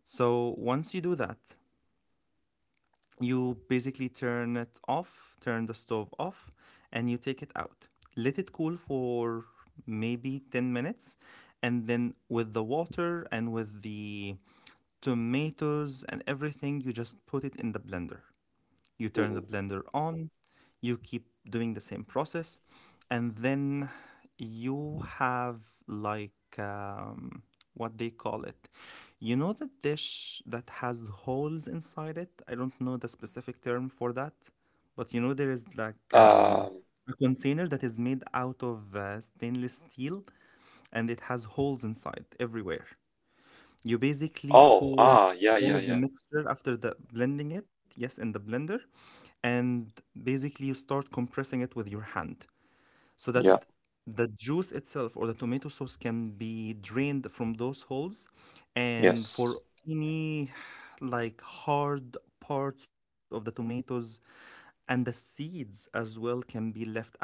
Speaker 1: So once you do that, you basically turn it off, turn the stove off, and you take it out. Let it cool for maybe ten minutes. And then with the water and with the tomatoes and everything, you just put it in the blender. You turn
Speaker 2: Mm-hmm.
Speaker 1: the blender on, you keep doing the same process, and then you have like um, what they call it. You know the dish that has holes inside it? I don't know the specific term for that, but you know there is like um,
Speaker 2: Um,
Speaker 1: a container that is made out of uh, stainless steel and it has holes inside everywhere. You basically
Speaker 2: oh,
Speaker 1: pour
Speaker 2: ah, yeah, yeah,
Speaker 1: all of the
Speaker 2: yeah.
Speaker 1: mixture after the blending it, yes, in the blender, and basically you start compressing it with your hand so that
Speaker 2: Yeah.
Speaker 1: the juice itself or the tomato sauce can be drained from those holes, and
Speaker 2: Yes.
Speaker 1: for any like hard parts of the tomatoes and the seeds as well can be left out.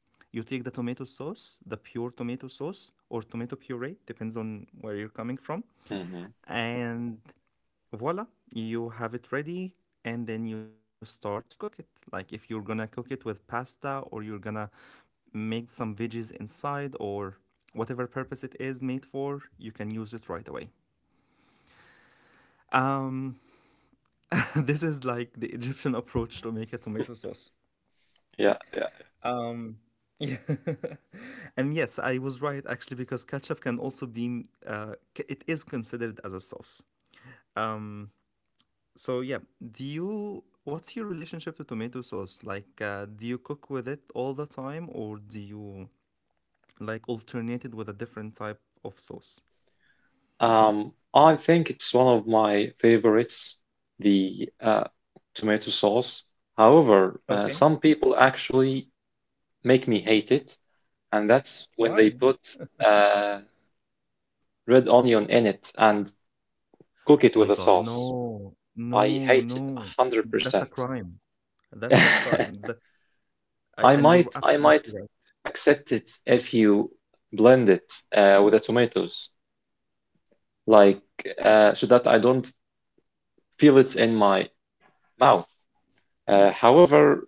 Speaker 1: You take the tomato sauce, the pure tomato sauce or tomato puree, depends on where you're coming from,
Speaker 2: Mm-hmm.
Speaker 1: and voila, you have it ready, and then you start to cook it. Like if you're gonna cook it with pasta or you're gonna make some veggies inside or whatever purpose it is made for, you can use it right away. Um, [laughs] this is like the Egyptian [laughs] approach to make a tomato sauce.
Speaker 2: Yeah, yeah.
Speaker 1: Um, yeah. [laughs] And yes, I was right actually because ketchup can also be, uh, c- it is considered as a sauce. Um, So yeah, do you what's your relationship to tomato sauce? Like uh, do you cook with it all the time, or do you like alternate it with a different type of sauce?
Speaker 2: Um, I think it's one of my favorites, the uh, tomato sauce. However, uh,
Speaker 1: Okay.
Speaker 2: some people actually make me hate it, and that's when
Speaker 1: Why?
Speaker 2: they put uh, red onion in it and cook it with
Speaker 1: My
Speaker 2: a
Speaker 1: God,
Speaker 2: sauce.
Speaker 1: no,
Speaker 2: I
Speaker 1: no,
Speaker 2: hate it
Speaker 1: no. That's a
Speaker 2: one hundred percent.
Speaker 1: crime. That's a crime.
Speaker 2: [laughs]
Speaker 1: That I,
Speaker 2: I
Speaker 1: and you're
Speaker 2: might I might
Speaker 1: absolutely right.
Speaker 2: accept it if you blend it uh, with the tomatoes, like uh, so that I don't feel it in my mouth. Uh, however,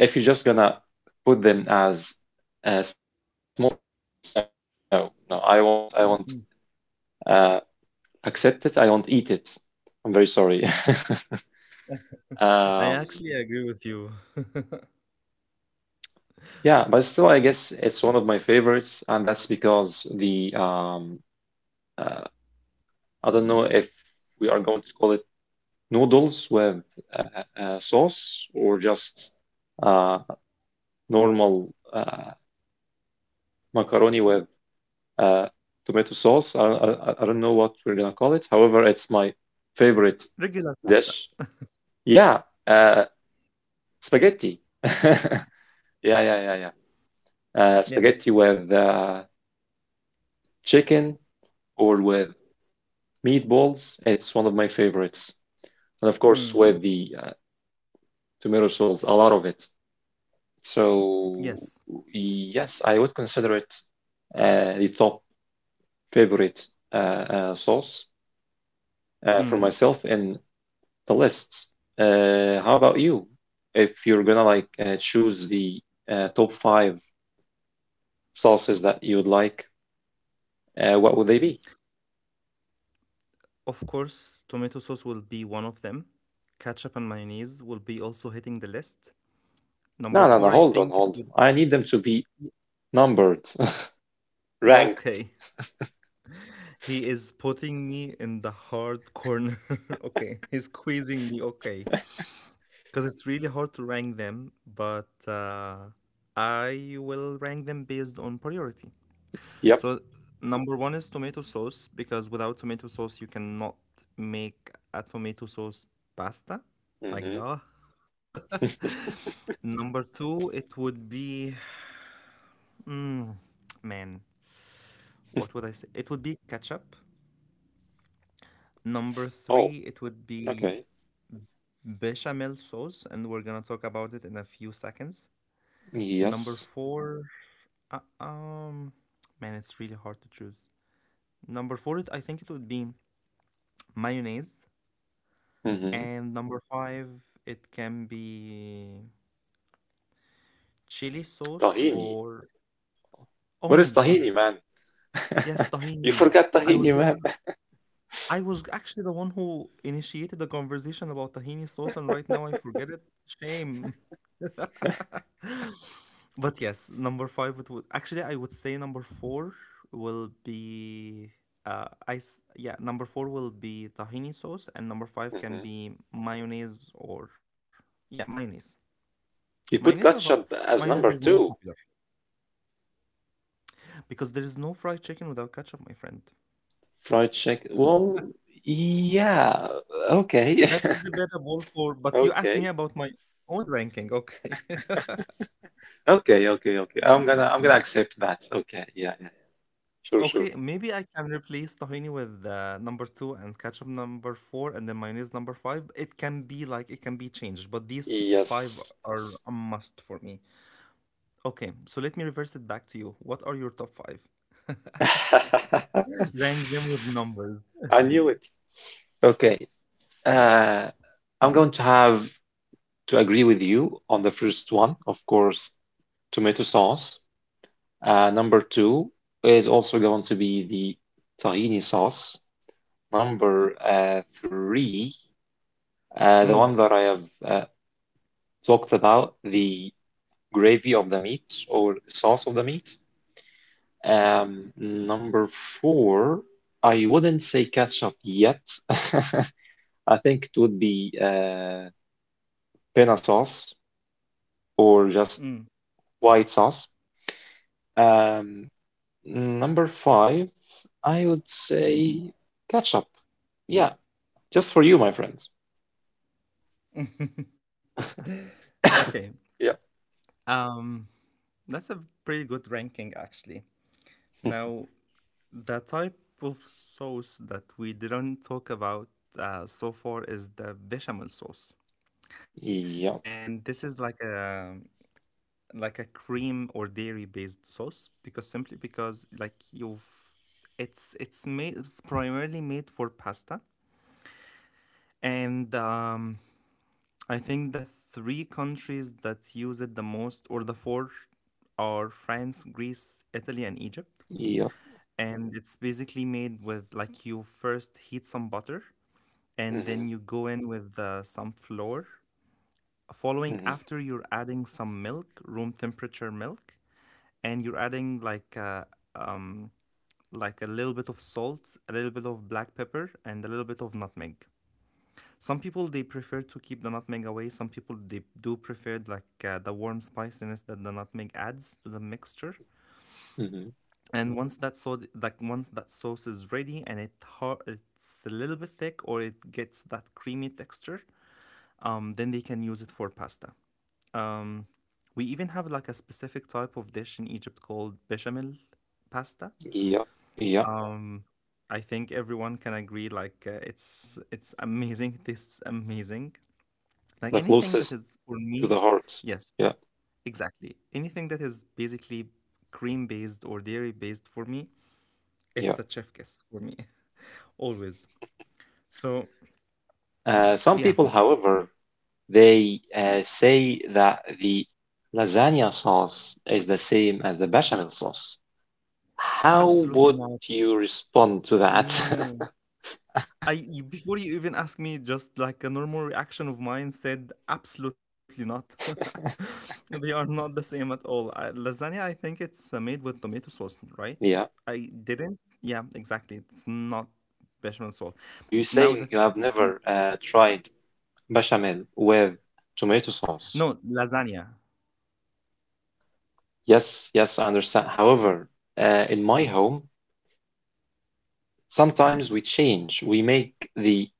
Speaker 2: if you're just gonna put them as uh, small pieces, no, no, I won't I won't
Speaker 1: Mm.
Speaker 2: uh, accept it. I won't eat it. I'm very sorry. [laughs]
Speaker 1: [laughs] I
Speaker 2: Um,
Speaker 1: actually agree with you. [laughs]
Speaker 2: yeah, but still, I guess it's one of my favorites, and that's because the um, uh, I don't know if we are going to call it noodles with uh, uh, sauce or just uh, normal uh, macaroni with uh, tomato sauce. I, I, I don't know what we're gonna call it. However, it's my favorite
Speaker 1: Regular pasta.
Speaker 2: dish. Yeah, uh, spaghetti. [laughs] Yeah, yeah, yeah, yeah. Uh,
Speaker 1: Yeah.
Speaker 2: spaghetti with uh, chicken or with meatballs. It's one of my favorites. And of course,
Speaker 1: Mm.
Speaker 2: with the uh, tomato sauce, a lot of it.
Speaker 1: Yes.
Speaker 2: So yes, I would consider it uh, the top favorite uh, uh, sauce uh, for myself in the lists. Uh, how about you? If you're gonna like uh, choose the uh, top five sauces that you would like, uh, what would they be?
Speaker 1: Of course, tomato sauce will be one of them. Ketchup and mayonnaise will be also hitting the list. Number
Speaker 2: No, no,
Speaker 1: four,
Speaker 2: no.
Speaker 1: I
Speaker 2: Hold on,
Speaker 1: think it
Speaker 2: hold
Speaker 1: would
Speaker 2: on. I need them to be
Speaker 1: be.
Speaker 2: numbered, [laughs] ranked.
Speaker 1: Okay. [laughs] He is putting me in the hard corner. [laughs] Okay. He's squeezing me. Okay. Because it's really hard to rank them, but uh, I will rank them based on priority.
Speaker 2: Yep.
Speaker 1: So, number one is tomato sauce, because without tomato sauce, you cannot make a tomato sauce pasta. Like,
Speaker 2: Hmm.
Speaker 1: duh. Number two, it would be, mm, man, what would I say? It would be ketchup. Number
Speaker 2: Oh,
Speaker 1: three, it would be
Speaker 2: okay.
Speaker 1: bechamel sauce, and we're gonna talk about it in a few seconds. Number
Speaker 2: Yes.
Speaker 1: four, uh, um, man, it's really hard to choose. Number four, it, I think it would be mayonnaise,
Speaker 2: Hmm.
Speaker 1: and number five, it can be chili sauce
Speaker 2: Tahini.
Speaker 1: or oh
Speaker 2: What
Speaker 1: my
Speaker 2: is
Speaker 1: god,
Speaker 2: tahini, man?
Speaker 1: yes,
Speaker 2: [laughs] You
Speaker 1: tahini.
Speaker 2: forgot
Speaker 1: I was
Speaker 2: tahini,
Speaker 1: go-
Speaker 2: man.
Speaker 1: I was actually the one who initiated the conversation about tahini sauce, and right now I forget it. Shame. [laughs] But yes, number five it would actually I would say number four will be uh ice yeah, number four will be tahini sauce and number five can
Speaker 2: Mhm.
Speaker 1: be mayonnaise or yeah, mayonnaise. Mayonnaise
Speaker 2: You
Speaker 1: or
Speaker 2: put
Speaker 1: hot
Speaker 2: ketchup
Speaker 1: Mayonnaise
Speaker 2: as
Speaker 1: is more
Speaker 2: number
Speaker 1: popular
Speaker 2: two.
Speaker 1: because there is no fried chicken without ketchup, my friend.
Speaker 2: Fried chicken. Well, yeah. Okay.
Speaker 1: That's
Speaker 2: [laughs]
Speaker 1: debatable, for but you asked
Speaker 2: Okay.
Speaker 1: me about my own ranking, okay. [laughs]
Speaker 2: Okay, okay, okay. I'm gonna I'm gonna accept that. Okay, yeah, yeah. Sure, sure.
Speaker 1: Okay, maybe I can replace tahini with uh, number two and ketchup number four and then mayonnaise number five. It can be like it can be changed, but these five
Speaker 2: Yes.
Speaker 1: are
Speaker 2: Yes.
Speaker 1: a must for me. Okay, so let me reverse it back to you. What are your top five? [laughs]
Speaker 2: [laughs]
Speaker 1: Rank them with numbers.
Speaker 2: I knew it. Okay. Uh, I'm going to have to agree with you on the first one, of course, tomato sauce. Uh, number two is also going to be the tahini sauce. Number uh, three, uh, the
Speaker 1: Mm,
Speaker 2: one that I have uh, talked about, the gravy of the meat or sauce of the meat. Um, number four, I wouldn't say ketchup yet. [laughs] I think it would be uh, penne sauce or just
Speaker 1: Mm.
Speaker 2: white sauce. Um, Number five, I would say ketchup. Yeah, just for you, my friends.
Speaker 1: [laughs]
Speaker 2: [coughs]
Speaker 1: Okay, um, that's a pretty good ranking actually. Now, the type of sauce that we didn't talk about uh, so far is the bechamel sauce,
Speaker 2: Yeah,
Speaker 1: and this is like a like a cream or dairy based sauce, because simply because like you've it's it's made, it's primarily made for pasta. And um I think the three countries that use it the most, or the four, are France, Greece, Italy and Egypt,
Speaker 2: yeah,
Speaker 1: and it's basically made with like you first heat some butter and
Speaker 2: yeah.
Speaker 1: then you go in with uh, some flour, following
Speaker 2: Hmm.
Speaker 1: after you're adding some milk, room temperature milk, and you're adding like uh, um, like a little bit of salt, a little bit of black pepper, and a little bit of nutmeg. Some people they prefer to keep the nutmeg away. Some people they do prefer like uh, the warm spiciness that the nutmeg adds to the mixture.
Speaker 2: Hmm.
Speaker 1: And once that so like once that sauce is ready and it it's a little bit thick or it gets that creamy texture, um, then they can use it for pasta. Um, we even have like a specific type of dish in Egypt called bechamel pasta.
Speaker 2: Yeah, yeah,
Speaker 1: Um, I think everyone can agree. Like uh, it's it's amazing. [laughs] This tastes amazing. Like
Speaker 2: the
Speaker 1: anything that
Speaker 2: closest
Speaker 1: is for
Speaker 2: to
Speaker 1: me,
Speaker 2: the heart.
Speaker 1: yes,
Speaker 2: Yeah,
Speaker 1: exactly. Anything that is basically cream based or dairy based, for me,
Speaker 2: yeah.
Speaker 1: it's a chef kiss for me [laughs] always. So
Speaker 2: Uh, some
Speaker 1: yeah,
Speaker 2: people, however, they uh, say that the lasagna sauce is the same as the bechamel sauce. How
Speaker 1: absolutely
Speaker 2: would
Speaker 1: not.
Speaker 2: you respond to that?
Speaker 1: No,
Speaker 2: [laughs]
Speaker 1: I you, before you even ask me, just like a normal reaction of mine said, absolutely not. [laughs] They are not the same at all. Uh, lasagna, I think it's uh, made with tomato sauce, right?
Speaker 2: Yeah,
Speaker 1: I didn't. Yeah, exactly. It's not bechamel sauce.
Speaker 2: are you saying you
Speaker 1: Now the
Speaker 2: have never
Speaker 1: th-
Speaker 2: uh, tried bechamel with tomato sauce?
Speaker 1: no lasagna.
Speaker 2: Yes, yes, I understand. However, uh, in my home, sometimes we change. We make the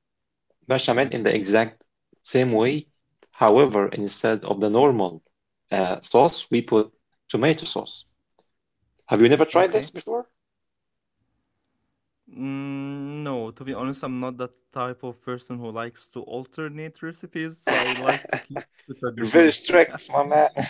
Speaker 2: bechamel in the exact same way. However, instead of the normal uh, sauce, we put tomato sauce. Have you never tried this
Speaker 1: Okay.
Speaker 2: before?
Speaker 1: Mm, no, to be honest, I'm not that type of person who likes to alternate recipes, so I like
Speaker 2: [laughs]
Speaker 1: to keep it
Speaker 2: You're
Speaker 1: traditional.
Speaker 2: very strict, my man. [laughs]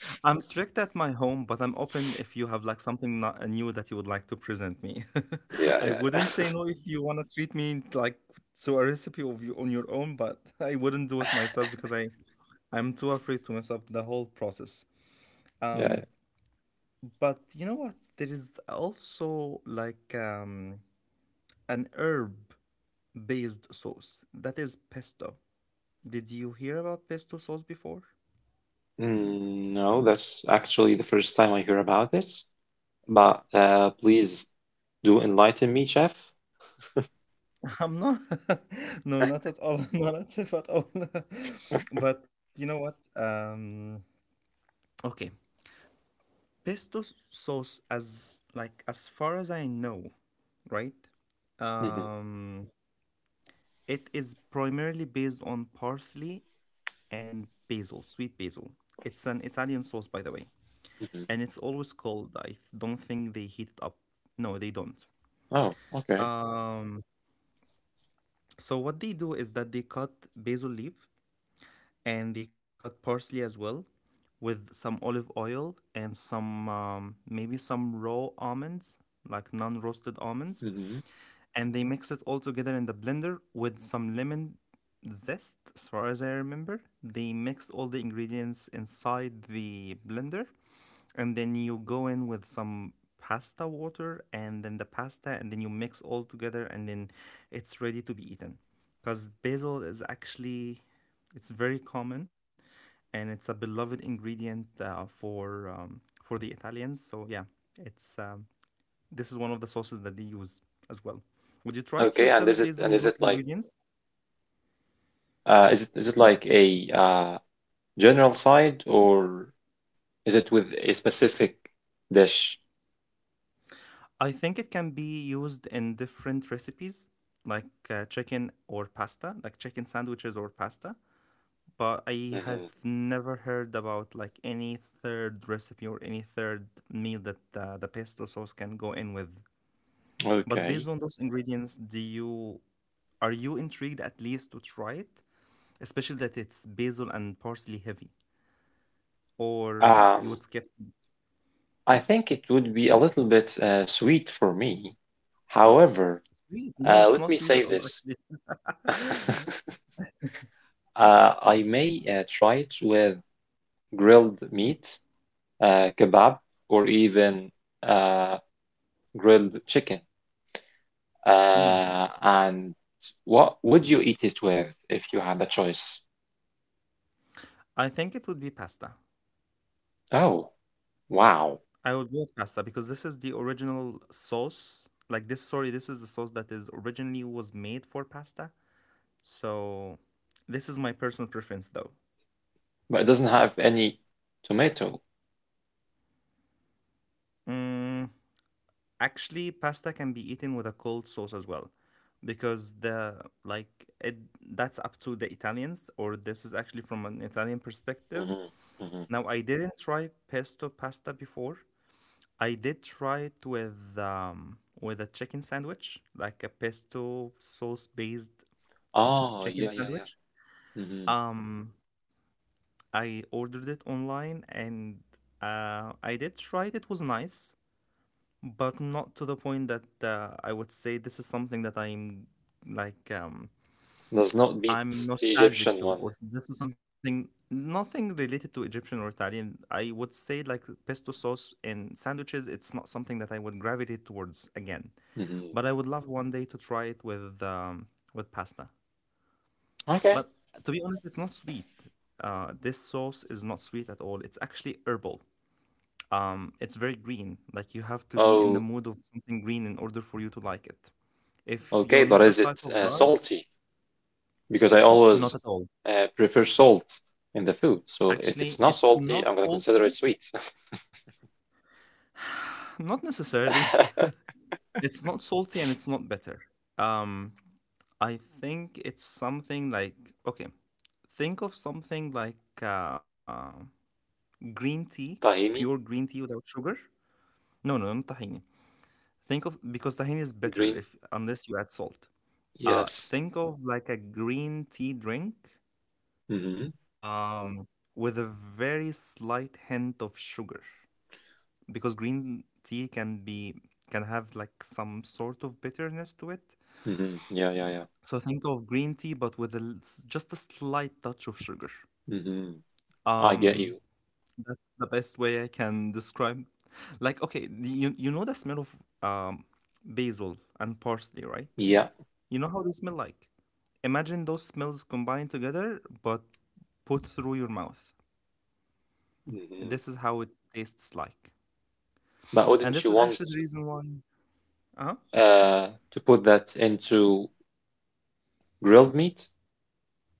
Speaker 1: I'm strict at my home, but I'm open if you have like something not, uh, new that you would like to present me.
Speaker 2: Yeah,
Speaker 1: [laughs] I
Speaker 2: yeah,
Speaker 1: wouldn't
Speaker 2: yeah.
Speaker 1: say
Speaker 2: [laughs]
Speaker 1: no if you want to treat me like to a recipe of you on your own, but [laughs] I wouldn't do it myself because I I'm too afraid to mess up the whole process. Um,
Speaker 2: Yeah.
Speaker 1: but you know what? There is also like um an herb based sauce that is pesto. Did you hear about pesto sauce before?
Speaker 2: Yeah. Mm, no, that's actually the first time I hear about it. But uh, please do enlighten me, chef.
Speaker 1: I'm not, [laughs] no, not at all. [laughs] I'm not a chef at all. [laughs] But you know what? Um, okay, pesto s- sauce, as like as far as I know, right?
Speaker 2: Hmm.
Speaker 1: Um, it is primarily based on parsley and basil, sweet basil. It's an Italian sauce, by the way, and it's
Speaker 2: Hmm.
Speaker 1: always cold. I don't think they heat it up. No, they don't.
Speaker 2: Oh, okay.
Speaker 1: Um, so what they do is that they cut basil leaf and they cut parsley as well with some olive oil and some um, maybe some raw almonds like non-roasted almonds,
Speaker 2: Hmm.
Speaker 1: and they mix it all together in the blender with some lemon zest. As far as I remember, they mix all the ingredients inside the blender, and then you go in with some pasta water and then the pasta, and then you mix all together, and then it's ready to be eaten because basil is actually, it's very common, and it's a beloved ingredient uh, for um, for the Italians. So yeah, it's um, this is one of the sauces that they use as well. Would you try it
Speaker 2: Okay, and
Speaker 1: yourself
Speaker 2: is it
Speaker 1: based on
Speaker 2: and is
Speaker 1: those
Speaker 2: it like
Speaker 1: ingredients?
Speaker 2: uh, is it is it like a uh, general side or is it with a specific dish?
Speaker 1: I think it can be used in different recipes, like uh, chicken or pasta, like chicken sandwiches or pasta, but I have
Speaker 2: Mhm.
Speaker 1: never heard about like any third recipe or any third meal that uh, the pesto sauce can go in with. But based
Speaker 2: Okay.
Speaker 1: on those ingredients, do you are you intrigued at least to try it, especially that it's basil and parsley heavy, or you
Speaker 2: Um,
Speaker 1: would skip?
Speaker 2: I think it would be a little bit uh, sweet for me. However,
Speaker 1: Sweet? No,
Speaker 2: uh,
Speaker 1: it's
Speaker 2: let me
Speaker 1: not sweet
Speaker 2: say
Speaker 1: at all,
Speaker 2: this.
Speaker 1: actually.
Speaker 2: [laughs] Uh, I may uh, try it with grilled meat, uh, kebab, or even uh, grilled chicken.
Speaker 1: Mm.
Speaker 2: Uh, and what would you eat it with if you had a choice?
Speaker 1: I think it would be pasta.
Speaker 2: Oh, wow.
Speaker 1: I would go with pasta because this is the original sauce. Like this, sorry, this is the sauce that is originally was made for pasta. So, this is my personal preference though.
Speaker 2: But it doesn't have any tomato.
Speaker 1: Mm, actually, pasta can be eaten with a cold sauce as well, because the like it that's up to the Italians, or this is actually from an Italian perspective.
Speaker 2: Hmm. Hmm.
Speaker 1: Now, I didn't try pesto pasta before. I did try it with um with a chicken sandwich, like a pesto sauce based
Speaker 2: Ah,
Speaker 1: chicken
Speaker 2: yeah, yeah, yeah.
Speaker 1: sandwich.
Speaker 2: Hmm.
Speaker 1: Um, I ordered it online and uh, I did try it. It was nice, but not to the point that uh, I would say this is something that I'm like um,
Speaker 2: Does not beat
Speaker 1: I'm
Speaker 2: the Egyptian
Speaker 1: nostalgic to,
Speaker 2: one.
Speaker 1: or this is something, nothing related to Egyptian or Italian. I would say like pesto sauce in sandwiches, it's not something that I would gravitate towards again,
Speaker 2: Hmm.
Speaker 1: but I would love one day to try it with um, with pasta.
Speaker 2: Okay.
Speaker 1: But to be honest, it's not sweet. Uh, this sauce is not sweet at all. It's actually herbal. Um, it's very green. Like, you have to be in the
Speaker 2: Oh,
Speaker 1: mood of something green in order for you to like it. If
Speaker 2: okay,
Speaker 1: you're
Speaker 2: but
Speaker 1: not
Speaker 2: is
Speaker 1: that
Speaker 2: it
Speaker 1: type of
Speaker 2: uh,
Speaker 1: guy,
Speaker 2: salty? Because I always
Speaker 1: not at all.
Speaker 2: uh, prefer salt in the food. So if
Speaker 1: Actually,
Speaker 2: it's not
Speaker 1: it's
Speaker 2: salty,
Speaker 1: not
Speaker 2: I'm gonna consider it
Speaker 1: salty.
Speaker 2: sweet.
Speaker 1: [laughs] Not necessarily. [laughs]
Speaker 2: [laughs]
Speaker 1: It's not salty and it's not bitter. Um, I think it's something like, okay, think of something like uh, green tea, pure
Speaker 2: Tahini,
Speaker 1: green tea without sugar. No, no, no, not tahini. Think of, because tahini is bitter
Speaker 2: green,
Speaker 1: if, unless you add salt. Uh,
Speaker 2: yes.
Speaker 1: think of like a green tea drink
Speaker 2: Hmm.
Speaker 1: um, with a very slight hint of sugar, because green tea can be, can have like some sort of bitterness to it.
Speaker 2: Hmm. Yeah, yeah, yeah.
Speaker 1: So think of green tea but with a, l- s- just a slight touch of sugar.
Speaker 2: Hmm. I get
Speaker 1: Um,
Speaker 2: you.
Speaker 1: that's the best way I can describe. Like, okay, the- you you know the smell of um basil and parsley, right?
Speaker 2: Yeah.
Speaker 1: You know how they smell like. Imagine those smells combined together but put through your mouth.
Speaker 2: Hmm.
Speaker 1: This is how it tastes like.
Speaker 2: But
Speaker 1: And
Speaker 2: wouldn't you
Speaker 1: this is
Speaker 2: want
Speaker 1: actually the reason why. Uh-huh.
Speaker 2: uh, to put that into grilled meat?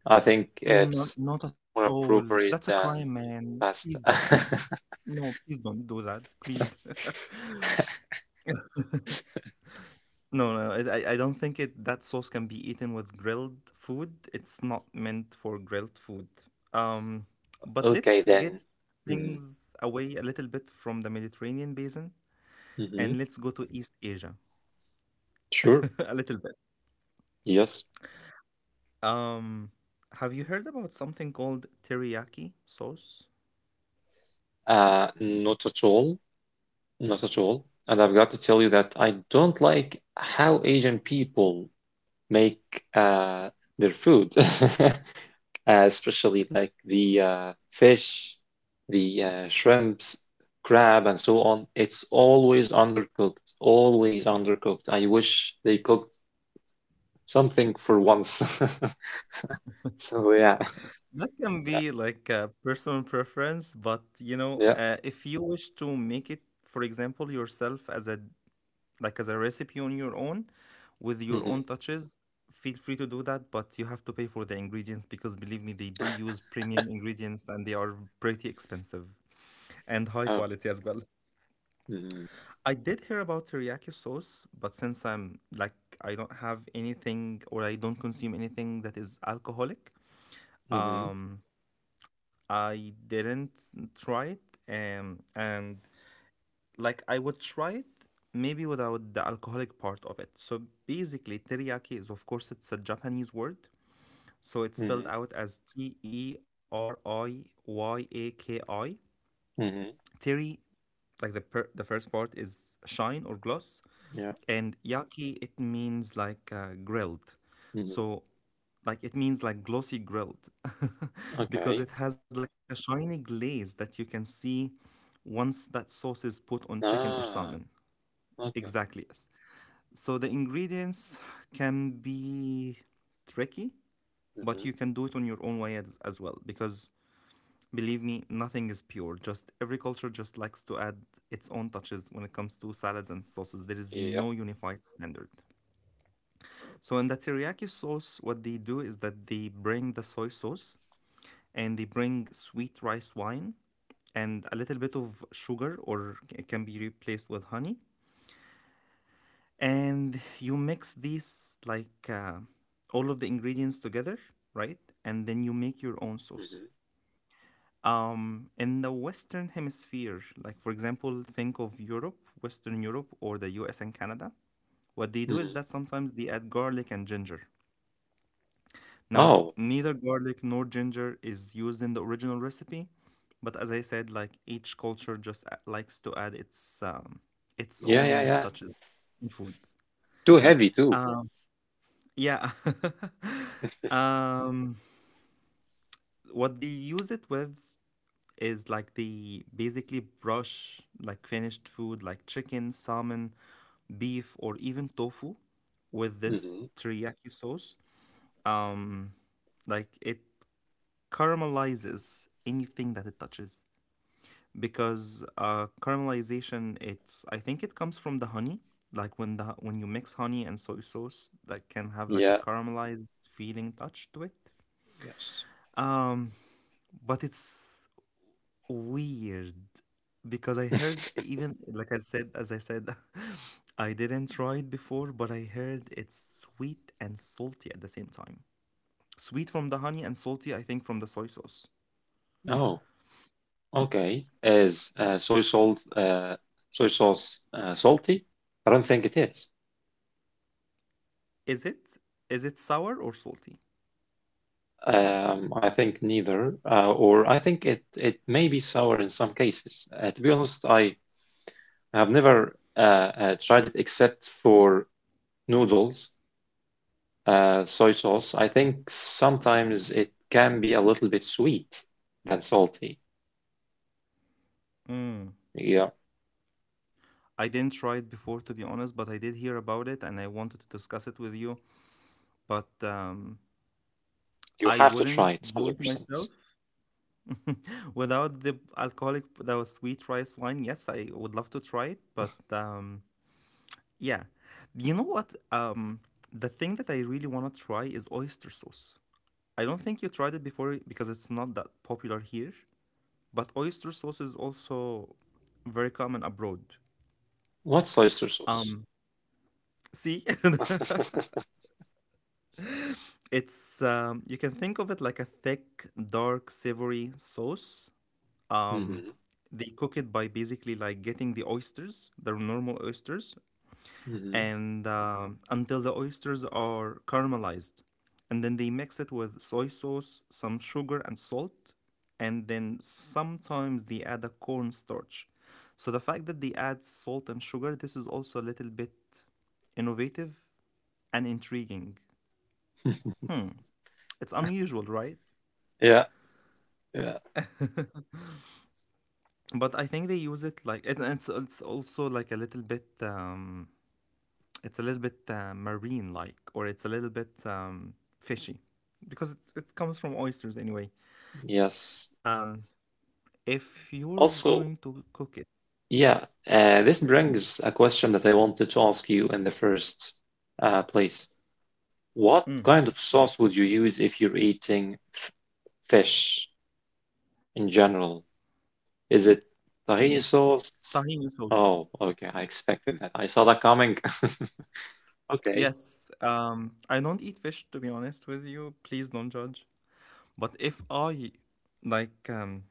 Speaker 2: I think
Speaker 1: Mm, not,
Speaker 2: it's
Speaker 1: not at
Speaker 2: more
Speaker 1: all. That's a
Speaker 2: appropriate
Speaker 1: crime,
Speaker 2: than
Speaker 1: man. Please
Speaker 2: pasta.
Speaker 1: don't be.
Speaker 2: [laughs]
Speaker 1: No, please don't do that. Please. [laughs] No, no, I, I I don't think it, that sauce can be eaten with grilled food. It's not meant for grilled food. Um, but
Speaker 2: Okay,
Speaker 1: let's get
Speaker 2: then. Mm,
Speaker 1: things away a little bit from the Mediterranean basin
Speaker 2: mhm.
Speaker 1: and let's go to East Asia
Speaker 2: Sure.
Speaker 1: [laughs] a little bit.
Speaker 2: Yes.
Speaker 1: Um, have you heard about something called teriyaki sauce?
Speaker 2: Uh, not at all. Not at all. And I've got to tell you that I don't like how Asian people make uh, their food, [laughs] uh, especially like the uh, fish, the uh, shrimps, crab, and so on. It's always undercooked, always undercooked. I wish they cooked something for once. [laughs] So yeah,
Speaker 1: That can
Speaker 2: yeah,
Speaker 1: be like a personal preference, but you know,
Speaker 2: yeah.
Speaker 1: uh, if you wish to make it, for example, yourself as a, like as a recipe on your own, with your
Speaker 2: Mm-hmm.
Speaker 1: own touches, feel free to do that. But you have to pay for the ingredients because believe me, they do use premium ingredients and they are pretty expensive and high
Speaker 2: Oh,
Speaker 1: quality as well.
Speaker 2: mm-hmm.
Speaker 1: I did hear about teriyaki sauce, but since I'm like I don't have anything, or I don't consume anything that is alcoholic,
Speaker 2: Mm-hmm.
Speaker 1: um I didn't try it, um, and like I would try it maybe without the alcoholic part of it. So basically, teriyaki is, of course, it's a Japanese word. So it's
Speaker 2: Mm-hmm.
Speaker 1: spelled out as T E R I Y A K I.
Speaker 2: Mm-hmm.
Speaker 1: Teri, like the per- the first part is shine or gloss,
Speaker 2: Yeah.
Speaker 1: and yaki, it means like uh, grilled.
Speaker 2: Mm-hmm.
Speaker 1: So like it means like glossy grilled. [laughs]
Speaker 2: Okay.
Speaker 1: Because it has like a shiny glaze that you can see once that sauce is put on chicken or
Speaker 2: Ah,
Speaker 1: salmon.
Speaker 2: okay.
Speaker 1: Exactly, yes. So the ingredients can be tricky, but
Speaker 2: Mm-hmm.
Speaker 1: you can do it on your own way as, as well, because believe me, nothing is pure. Just every culture just likes to add its own touches when it comes to salads and
Speaker 2: Yeah.
Speaker 1: sauces. There is no unified standard. So in the teriyaki sauce, what they do is that they bring the soy sauce and they bring sweet rice wine and a little bit of sugar, or it can be replaced with honey, and you mix these like uh, all of the ingredients together, right, and then you make your own
Speaker 2: Mm-hmm.
Speaker 1: sauce. Um, in the western hemisphere, like for example, think of Europe, western Europe, or the US and Canada, what they do is
Speaker 2: Mm-hmm.
Speaker 1: that sometimes they add garlic and ginger. Now,
Speaker 2: Oh,
Speaker 1: neither garlic nor ginger is used in the original recipe, but as I said, like each culture just a- likes to add its um, its
Speaker 2: yeah, yeah,
Speaker 1: own
Speaker 2: yeah.
Speaker 1: touches in food.
Speaker 2: Too heavy too.
Speaker 1: Um, yeah. [laughs] um, what they use it with is like they basically brush like finished food like chicken, salmon, beef, or even tofu with this
Speaker 2: Mm-hmm.
Speaker 1: teriyaki sauce. Um, like it caramelizes anything that it touches because uh, caramelization, it's I think it comes from the honey. Like when the when you mix honey and soy sauce, that can have like a
Speaker 2: Yeah.
Speaker 1: caramelized feeling touch to it.
Speaker 2: Yes.
Speaker 1: um but it's weird because I heard,
Speaker 2: [laughs]
Speaker 1: even like i said as I said, [laughs] I didn't try it before, but I heard it's sweet and salty at the same time. Sweet from the honey and salty, I think, from the soy sauce.
Speaker 2: Oh, okay. Is uh, soy salt, uh, soy sauce uh, salty? I don't think it is.
Speaker 1: Is it, is it sour or salty?
Speaker 2: Um, I think neither, uh, or I think it it may be sour in some cases. Uh, to be honest, I I've never uh, uh, tried it except for noodles, uh, soy sauce. I think sometimes it can be a little bit sweet than salty.
Speaker 1: Mm.
Speaker 2: Yeah,
Speaker 1: I didn't try it before, to be honest, but I did hear about it and I wanted to discuss it with you. But um,
Speaker 2: you
Speaker 1: I
Speaker 2: have to
Speaker 1: wouldn't
Speaker 2: try it
Speaker 1: do it myself
Speaker 2: one hundred percent.
Speaker 1: without the alcoholic, that sweet rice wine. Yes, I would love to try it, but um, yeah. You know what? Um, the thing that I really want to try is oyster sauce. I don't think you tried it before because it's not that popular here, but oyster sauce is also very common abroad.
Speaker 2: What's oyster sauce?
Speaker 1: Um, See, [laughs]
Speaker 2: [laughs]
Speaker 1: it's um, you can think of it like a thick, dark, savory sauce. Um,
Speaker 2: Hmm.
Speaker 1: they cook it by basically like getting the oysters, the normal oysters,
Speaker 2: Hmm.
Speaker 1: and um, until the oysters are caramelized, and then they mix it with soy sauce, some sugar, and salt, and then sometimes they add a cornstarch. So the fact that they add salt and sugar, this is also a little bit innovative and intriguing.
Speaker 2: [laughs]
Speaker 1: Hmm. It's unusual, right?
Speaker 2: Yeah, yeah,
Speaker 1: But I think they use it like, and it's it's also like a little bit um it's a little bit uh, marine like, or it's a little bit um fishy because it, it comes from oysters anyway.
Speaker 2: yes.
Speaker 1: Um if you're going
Speaker 2: Also,
Speaker 1: to cook it,
Speaker 2: yeah, uh, this brings a question that I wanted to ask you in the first uh, place. What
Speaker 1: mm.
Speaker 2: kind of sauce would you use if you're eating f fish? In general? Is it tahini sauce?
Speaker 1: Tahini sauce.
Speaker 2: Oh, okay. I expected that. I saw that coming. [laughs] Okay.
Speaker 1: Yes, um I don't eat fish, to be honest with you. Please don't judge. But if I like um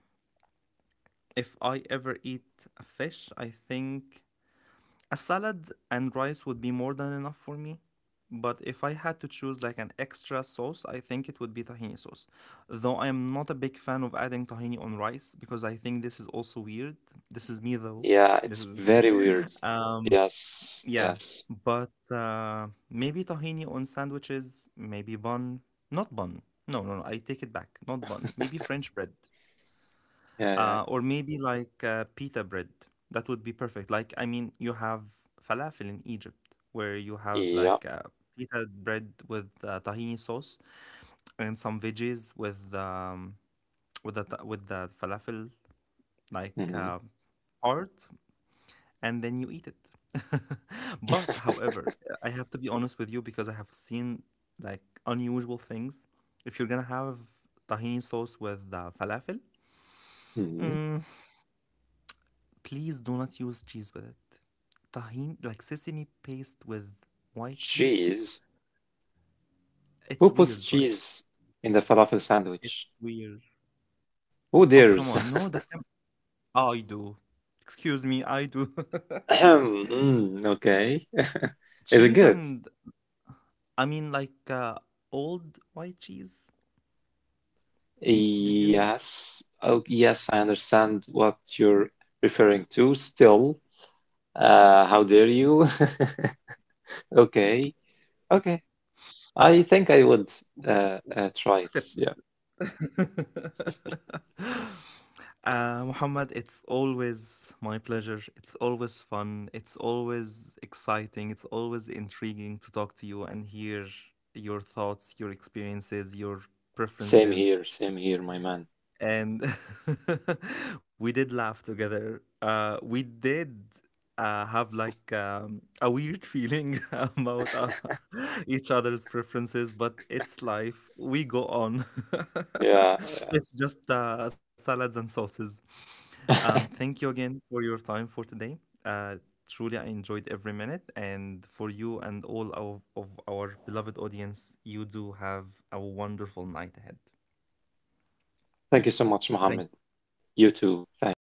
Speaker 1: if I ever eat a fish, I think a salad and rice would be more than enough for me. But if I had to choose like an extra sauce, I think it would be tahini sauce. Though I am not a big fan of adding tahini on rice because I think this is also weird. This is me though.
Speaker 2: Yeah,
Speaker 1: This
Speaker 2: it's
Speaker 1: is
Speaker 2: very
Speaker 1: [laughs]
Speaker 2: weird. Yes,
Speaker 1: yeah.
Speaker 2: yes.
Speaker 1: But uh, maybe tahini on sandwiches, maybe bun. Not bun. No, no, no. I take it back. Not bun. Maybe French bread
Speaker 2: Yeah,
Speaker 1: uh, or maybe like uh, pita bread. That would be perfect. Like, I mean, you have falafel in Egypt, where you have
Speaker 2: yeah, yeah.
Speaker 1: like uh, pita bread with uh, tahini sauce and some veggies with um, with the ta- with the falafel like
Speaker 2: Hmm.
Speaker 1: uh, part, and then you eat it. [laughs] But however, I have to be honest with you because I have seen like unusual things. If you're gonna have tahini sauce with uh, falafel,
Speaker 2: Hmm.
Speaker 1: mm, please do not use cheese with it. Tahini, like sesame paste with white cheese.
Speaker 2: [laughs] Cheese.
Speaker 1: It's
Speaker 2: Who puts
Speaker 1: weird, right?
Speaker 2: cheese in the falafel sandwich?
Speaker 1: It's weird. Oh,
Speaker 2: Who
Speaker 1: come on.
Speaker 2: dares?
Speaker 1: No, that
Speaker 2: [clears throat]
Speaker 1: can... I do. Excuse me, I do.
Speaker 2: [laughs] Ahem, mm, okay. [laughs]
Speaker 1: [laughs]
Speaker 2: Is it
Speaker 1: Cheese
Speaker 2: good?
Speaker 1: and, I mean like uh, old white cheese. Did you n-
Speaker 2: Yes. Oh, yes, I understand what you're referring to still. Uh, how dare you? [laughs] Okay, okay. I think I would uh, uh, try it.
Speaker 1: accept?
Speaker 2: Yeah.
Speaker 1: [laughs] Uh, Muhammad, it's always my pleasure. It's always fun. It's always exciting. It's always intriguing to talk to you and hear your thoughts, your experiences, your
Speaker 2: Same here,
Speaker 1: preferences,
Speaker 2: same here, my man.
Speaker 1: and [laughs] we did laugh together. Uh, we did uh, have like um, a weird feeling [laughs] about uh, [laughs] each other's preferences, but it's life. We go on. [laughs]
Speaker 2: Yeah.
Speaker 1: It's just uh, salads and sauces. Um,
Speaker 2: [laughs]
Speaker 1: thank you again for your time for today. Uh, truly, I enjoyed every minute. And for you and all of, of our beloved audience, you do have a wonderful night ahead.
Speaker 2: Thank you so much,
Speaker 1: Thank
Speaker 2: Mohammed. You too. Thank you.